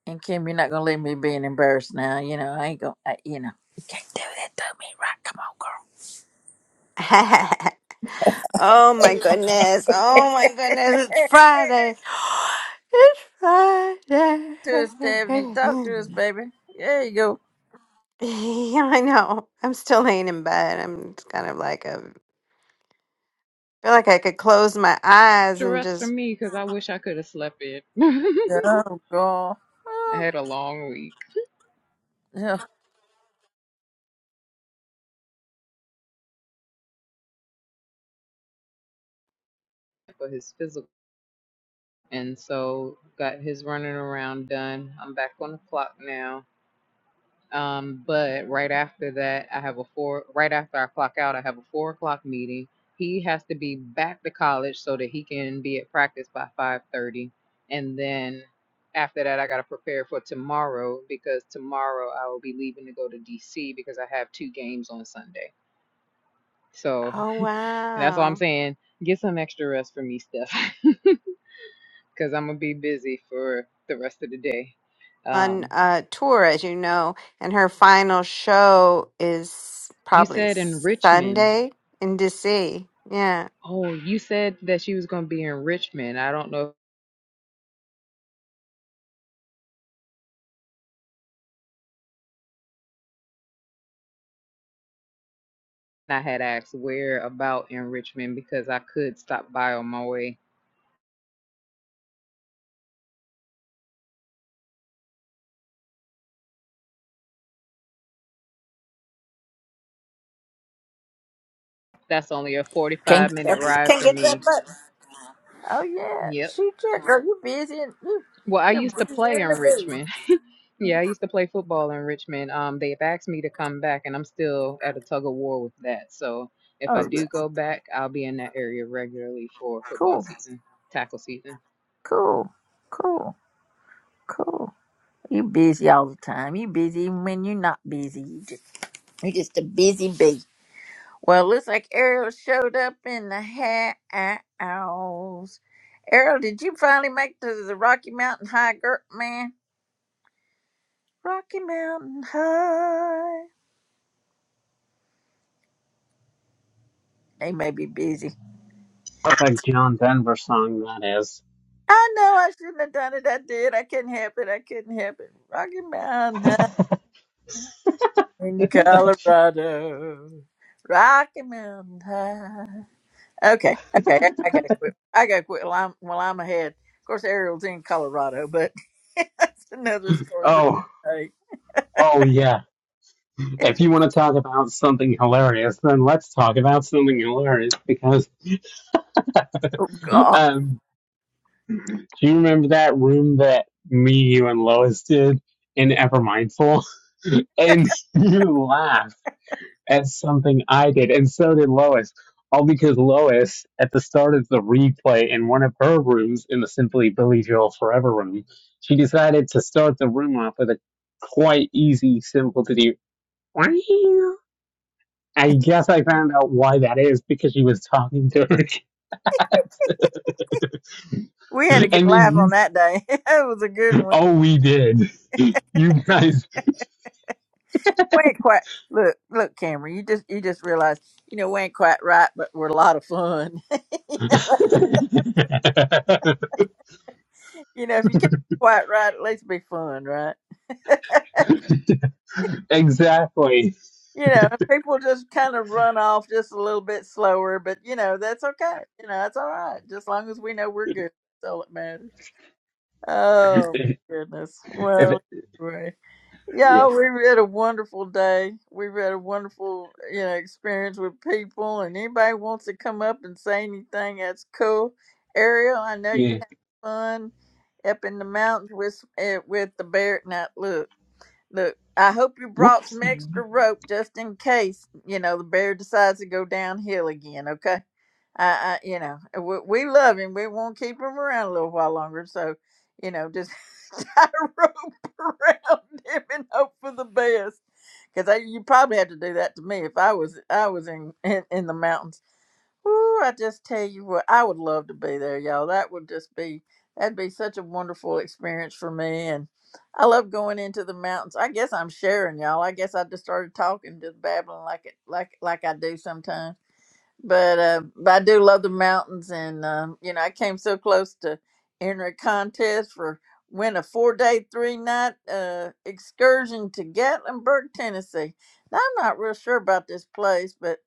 A: And Kim, you're not gonna leave me being embarrassed now. You know, I ain't gonna. I, you know, you can't do that to me, right?
F: oh my
A: Come on, girl.
F: goodness. Oh my goodness. It's Friday. It's Friday.
A: to us, Stephanie. Talk to us, baby. There you go.
F: Yeah, I know. I'm still laying in bed. I'm just kind of like a feel like I could close my eyes
B: To
F: and
B: rest for
F: just
B: me because I wish I could have slept in.
A: Oh God.
B: I
A: Oh,
B: had a long week.
A: yeah.
B: For his physical. and so got his running around done. I'm back on the clock now. Um, but right after that, I have a four. Right after I clock out, I have a four o'clock meeting. He has to be back to college so that he can be at practice by five thirty, and then after that, I gotta prepare for tomorrow because tomorrow I will be leaving to go to DC because I have two games on Sunday. So
F: oh
B: and that's all I'm
F: wow.
B: saying. Get some extra rest for me, Steph. because I'm gonna be busy for the rest of the day.
F: On
B: Um,
F: uh tour, as you know, and her final show is
B: you
F: probably
B: said in Richmond.
F: Sunday in DC. Yeah.
B: Oh, you said that she was gonna be in Richmond. I don't know if I had asked where about in Richmond because I could stop by on my way. That's only a
A: Can't
B: 45
A: get
B: minute
A: that.
B: ride
A: Can't
B: for
A: get that
B: me.
A: button. Oh yeah.
B: Yep.
A: Shoot, yeah, girl. You busy? And you,
B: Well, I
A: you're
B: used to play
A: busier
B: in
A: than a bee.
B: Richmond. yeah, I used to play football in Richmond. Um, they've asked me to come back, and I'm still at a tug of war with that. So if I
A: Oh yeah.
B: do go back, I'll be in that area regularly for football
A: Cool.
B: season, tackle season.
A: Cool, cool, cool. You busy all the time. You busy even when you're not busy. You just you just a busy bee. Well, looks like Ariel showed up in the house. Ariel, did you finally make to the Rocky Mountain High, girl, man? Rocky Mountain High. They may be busy.
E: perfect John Denver song that is.
A: I know I shouldn't have done it. I did. I couldn't help it. I couldn't help it. Rocky Mountain High in Colorado. Rocky Mountain High. Okay, okay, I I gotta quit. I gotta quit while I'm while I'm ahead. Of course, Ariel's in Colorado, but that's another story for
E: Oh,
A: another day.
E: oh yeah. If you want to talk about something hilarious, then let's talk about something hilarious because
A: God,
E: um, do you remember that room that me, you, and Lois did in Ever Mindful? And you laughed as something I did, and so did Lois. All because Lois, at the start of the replay in one of her rooms in the Simply Billy Joel Forever room, she decided to start the room off with a quite easy, simple to do. "Meow." I guess I found out why that is because she was talking to her cat,
A: we had a good
E: and then
A: laugh on
E: you.
A: that day. It was a good one.
E: Oh, we did. You guys.
A: We ain't quite look, look, Cameron. You just you just realized, you know, we ain't quite right, but we're a lot of fun. you know, if you can't be quite right, at least be fun, right?
E: exactly.
A: You know, and people just kind of run off just a little bit slower, but you know that's okay. You know that's all right, just long as we know we're good. That's all that matters. Oh goodness.
E: If
A: Well,
E: it,
A: anyway, yeah,
E: yeah,
A: we had a wonderful day. We've had a wonderful, you know, experience with people. And anybody wants to come up and say anything, that's cool. Ariel, I know you
E: yeah.
A: had fun up in the mountains with eh, with the bear. Now, look, look. I hope you brought some
E: Whoopsie.
A: extra rope just in case, you know, the bear decides to go downhill again. okay? I, I you know, we, we love him. We won't keep him around a little while longer. So, you know, just tie a rope around him and hope for the best. Because you probably have to do that to me if I was I was in in, in the mountains. Ooh, I just tell you what, I would love to be there, y'all. That would just be that'd be such a wonderful experience for me. And I love going into the mountains. I guess I'm sharing, y'all. I guess I just started talking, just babbling like it like like I do sometimes but uh, but I do love the mountains, and um, you know I came so close to entering a contest for win a four day three night uh, excursion to Gatlinburg, Tennessee. Now, I'm not real sure about this place, but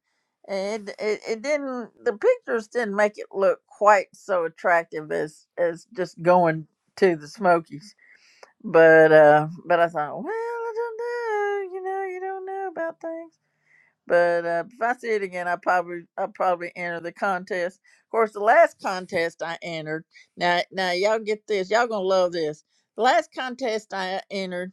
A: it, it it didn't the pictures didn't make it look quite so attractive as as just going to the Smokies. But uh, but I thought, well, I don't know, you know, you don't know about things but uh, if I see it again, I probably I probably enter the contest. Of course, the last contest I entered. Now, now y'all get this. Y'all gonna love this. The last contest I entered.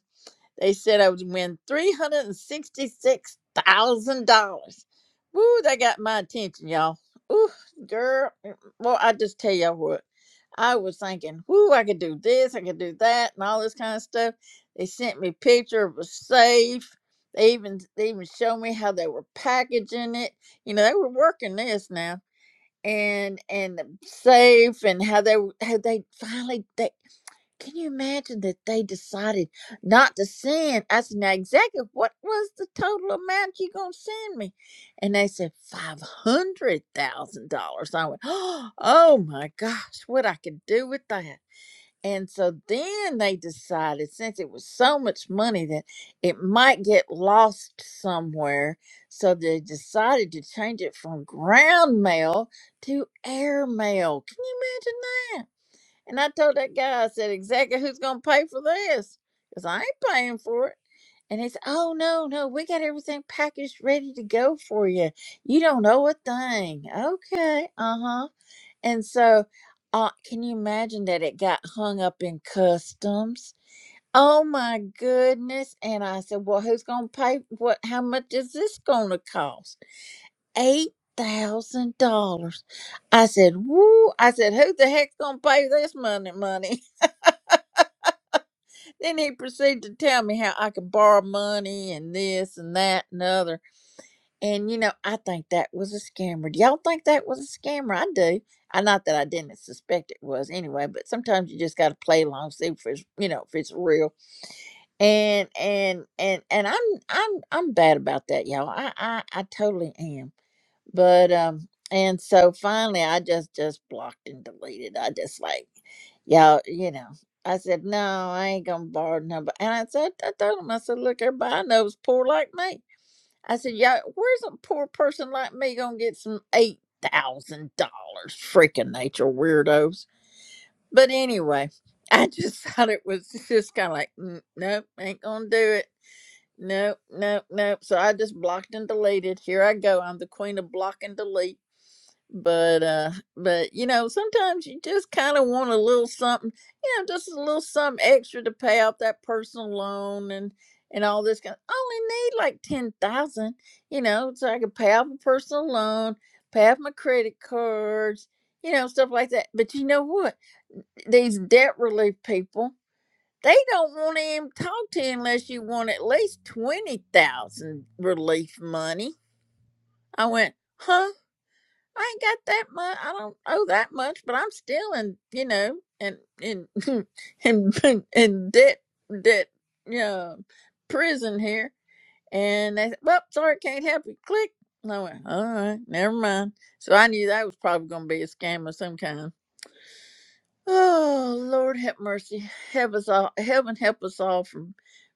A: They said I would win $366,000. Woo, that got my attention, y'all. Ooh, girl. mm, mm, Well, I just tell y'all what. I was thinking, whoo, I could do this, I could do that, and all this kind of stuff. They sent me a picture of a safe. They even they even showed me how they were packaging it. You know, they were working this now. And and the safe and how they w- how they finally they can you imagine that they decided not to send? I said, now, executive, what was the total amount you gonna send me? And they said five hundred thousand dollars. I went, oh my gosh, what I could do with that. And so then they decided, since it was so much money, that it might get lost somewhere. So they decided to change it from ground mail to air mail. Can you imagine that? And I told that guy, I said, exactly who's going to pay for this? Because I ain't paying for it. And he said, oh, no, no, we got everything packaged ready to go for you. You don't know a thing. Okay. Uh huh. And so, uh, can you imagine that it got hung up in customs? Oh my goodness. And I said, well, who's going to pay? What, how much is this going to cost? $8,000. I said, woo. I said, who the heck's going to pay this money, money? Then he proceeded to tell me how I could borrow money and this and that and other. And you know, I think that was a scammer. Do y'all think that was a scammer? I do. I not that I didn't suspect it was anyway, but sometimes you just gotta play along, see if it's you know, if it's real. And and and and I'm I'm I'm bad about that, y'all. I I, I totally am but um, and so finally, I just just blocked and deleted. I just like y'all, you know. I said no, I ain't gonna borrow number. And I said I told him I said, look, everybody I know is poor like me. I said, yeah, where's a poor person like me gonna get some eight thousand dollars? Freaking nature weirdos. But anyway, I just thought it was just kind of like, "Mm, nope, ain't gonna do it. Nope, nope, nope. So I just blocked and deleted. Here I go. I'm the queen of block and delete but uh but you know sometimes you just kind of want a little something you know just a little something extra to pay off that personal loan and and all this kind I only need like 10,000 you know so I can pay off a personal loan pay off my credit cards you know stuff like that but you know what these debt relief people they don't want to even talk to you unless you want at least 20,000 relief money I went huh I ain't got that much. I don't owe that much, but I'm still in, you know, in in in in debt, debt, uh, prison here. And they said, "Well, sorry, can't help you." Click. And I went, "All right, never mind." So I knew that was probably going to be a scam of some kind. Oh Lord, have mercy, help us all, heaven help us all from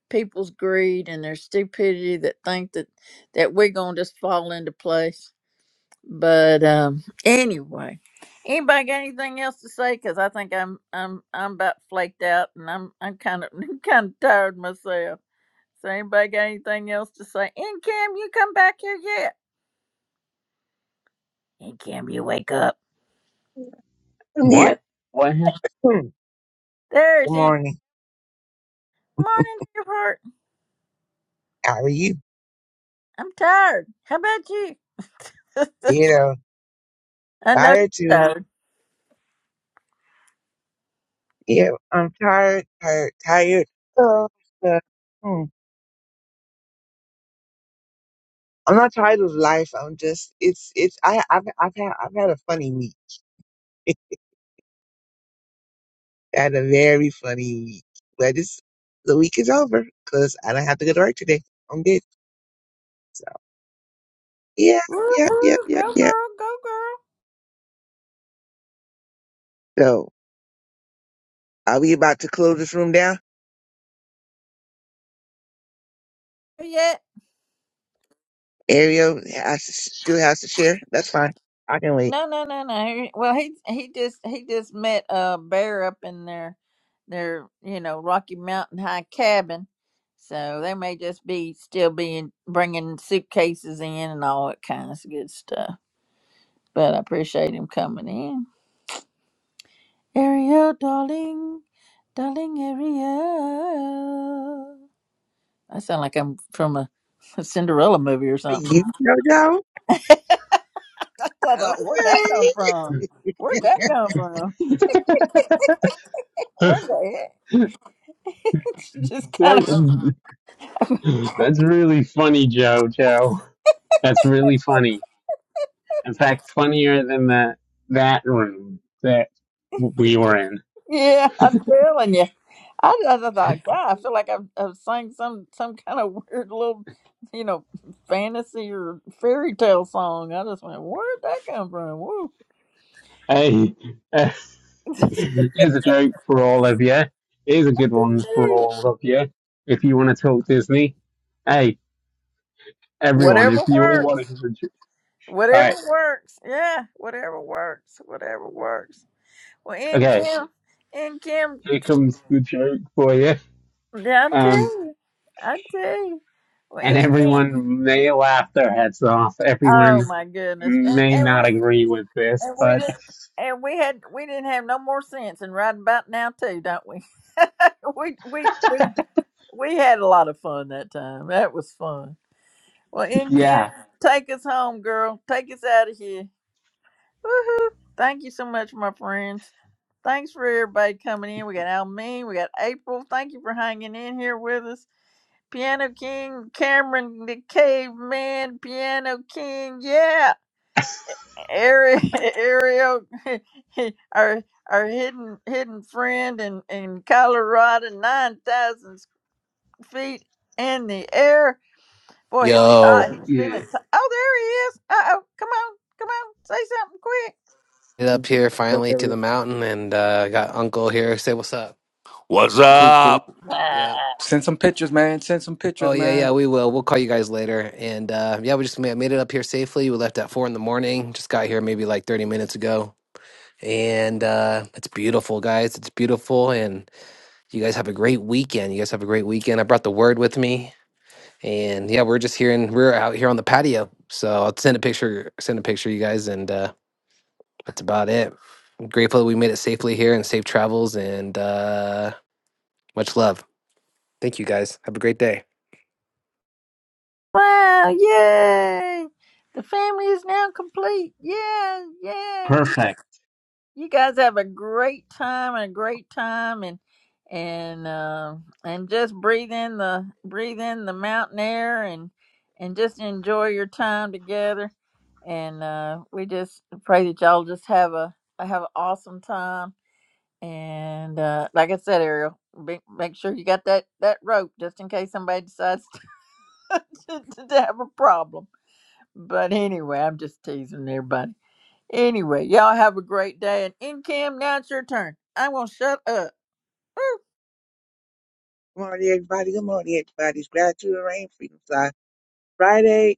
A: people's greed and their stupidity that think that that we're going to just fall into place. But um, anyway, anybody got anything else to say? Because I think I'm I'm I'm about flaked out, and I'm I'm kind of I'm kind of tired myself. So anybody got anything else to say? Incam, you come back here yet? Incam, you wake up.
K: I'm here.
E: What? What
K: Hmm.
A: There's
K: Good
A: In.
K: morning.
A: Morning, dear heart.
K: How are you?
A: I'm tired. How about you?
K: Ditto.
A: I know you're
K: Tired too.
A: tired.
K: Yeah, I'm tired, tired, tired. Uh, uh, hmm. I'm not tired of life. I'm just, it's, it's, I, I've, I've had, I've had a funny week. I had a very funny week, but it's, the week is over because I don't have to go to work today. I'm good. So yeah, yeah, yeah,
A: Woo-hoo. Go
K: yeah, yeah.
A: girl, go girl.
K: So are we about to close this room down?
A: Yeah.
K: Ariel has to, still has to share. That's fine. I can wait.
A: No, no, no, no. Well, he he just he just met a bear up in their their you know Rocky Mountain High cabin, so they may just be still being bringing suitcases in and all that kind of good stuff. But I appreciate him coming in, Ariel, darling, darling Ariel. I sound like I'm from a, a Cinderella movie or
K: Are
A: something.
K: you, JoJo?
A: I thought, where'd that come
K: Okay.
A: from?
E: happened?
A: Where'd that come from? Where'd that? just kind of
E: that, that's really funny, Joe, Joe. That's really funny. In fact, funnier than that that room that we were in.
A: Yeah, I'm telling you. I, I, thought, God, I feel like I'm, I'm sang some some kind of weird little, you know, fantasy or fairy tale song. I just went, where'd that come from? Woo.
E: Hey, uh, here's a joke for all of you. Here's a good one for all of you. If you want to talk Disney, hey, everyone,
A: whatever
E: if you all
A: works,
E: want to hear a joke. All
A: whatever
E: right,
A: works. Yeah, whatever works, whatever works. Well, in
E: okay,
A: Kim, in Kim,
E: here comes the joke for you.
A: yeah, I tell
E: Um.
A: you, I tell you. Well,
E: and
A: in Kim,
E: everyone may laugh their heads off.
A: oh
E: Everyone
A: my goodness, and,
E: may
A: and
E: not
A: we.
E: agree with this,
A: And we
E: but
A: didn't. And we had we didn't have no more sense, and right about now too, don't we? we we we we had a lot of fun that time. That was fun. Well, in Kim,
E: yeah,
A: take us home, girl. Take us out of here. Woohoo! Thank you so much, my friends. Thanks for everybody coming in. We got Almeen, we got April. Thank you for hanging in here with us. Piano King, Cameron the Caveman, Piano King. Yeah. Ari- Ariel, our our hidden hidden friend in in Colorado, nine thousand feet in the air. Boy, he was hot.
L: Yo,
A: He's feeling.
E: yeah,
A: t- oh, there he is. Uh oh, come on, come on, say something quick.
L: get up here
G: What up,
L: finally to the
G: Ariel?
L: mountain and uh got uncle here. Say what's up. What's
G: Cool, cool.
L: up? Yeah.
G: Send some pictures, man. Send some
L: Oh
G: pictures,
L: yeah, yeah,
G: man.
L: we will. We'll call you guys later. And uh yeah, we just made, made it up here safely. We left at four in the morning. Just got here maybe like thirty minutes ago. And uh it's beautiful, guys. It's beautiful and you guys have a great weekend. You guys have a great weekend. I brought the word with me. And yeah, we're just here and we're out here on the patio. So I'll send a picture send a picture you guys and uh that's about it. Grateful that we made it safely here and safe travels and uh, much love. Thank you guys. Have a great day.
A: Wow! Yay! The family is now complete. Yeah, yeah,
E: perfect.
A: you guys have a great time and a great time and and uh, and just breathe in the breathe in the mountain air and and just enjoy your time together and uh, we just pray that y'all just have a have an awesome time and uh, like I said Ariel be, make sure you got that that rope just in case somebody decides to, to, to have a problem but anyway I'm just teasing everybody Anyway, y'all have a great day. And in cam, now it's your turn. I'm gonna shut up.
K: Good morning, everybody. Good morning, everybody. It's Gratitude and Rain Freedom Fly Friday.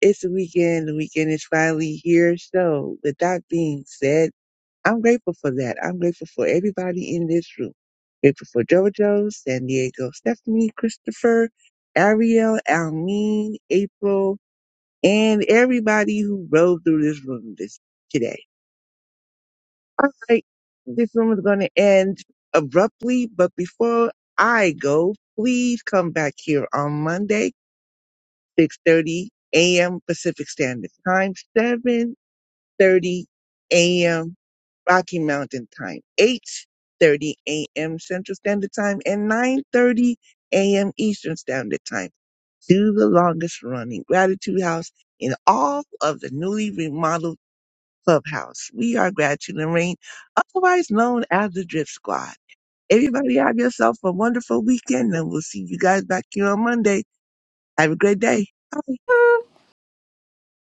K: It's the weekend. The weekend is finally here. So, with that being said, I'm grateful for that. I'm grateful for everybody in this room. Grateful for JoJo, San Diego, Stephanie, Christopher, Ariel, Almeen, April, and everybody who rode through this room this today. All right, this room is going to end abruptly, but before I go, please come back here on Monday, 6:30 a.m. Pacific Standard Time, 7:30 a.m. Rocky Mountain Time, 8:30 a.m. Central Standard Time, and 9:30 a.m. Eastern Standard Time to the longest running Gratitude House in all of the newly remodeled Clubhouse. We are Gratitude and Rain, otherwise known as the Drip Squad. Everybody have yourself a wonderful weekend and we'll see you guys back here on Monday. Have a great day. Bye.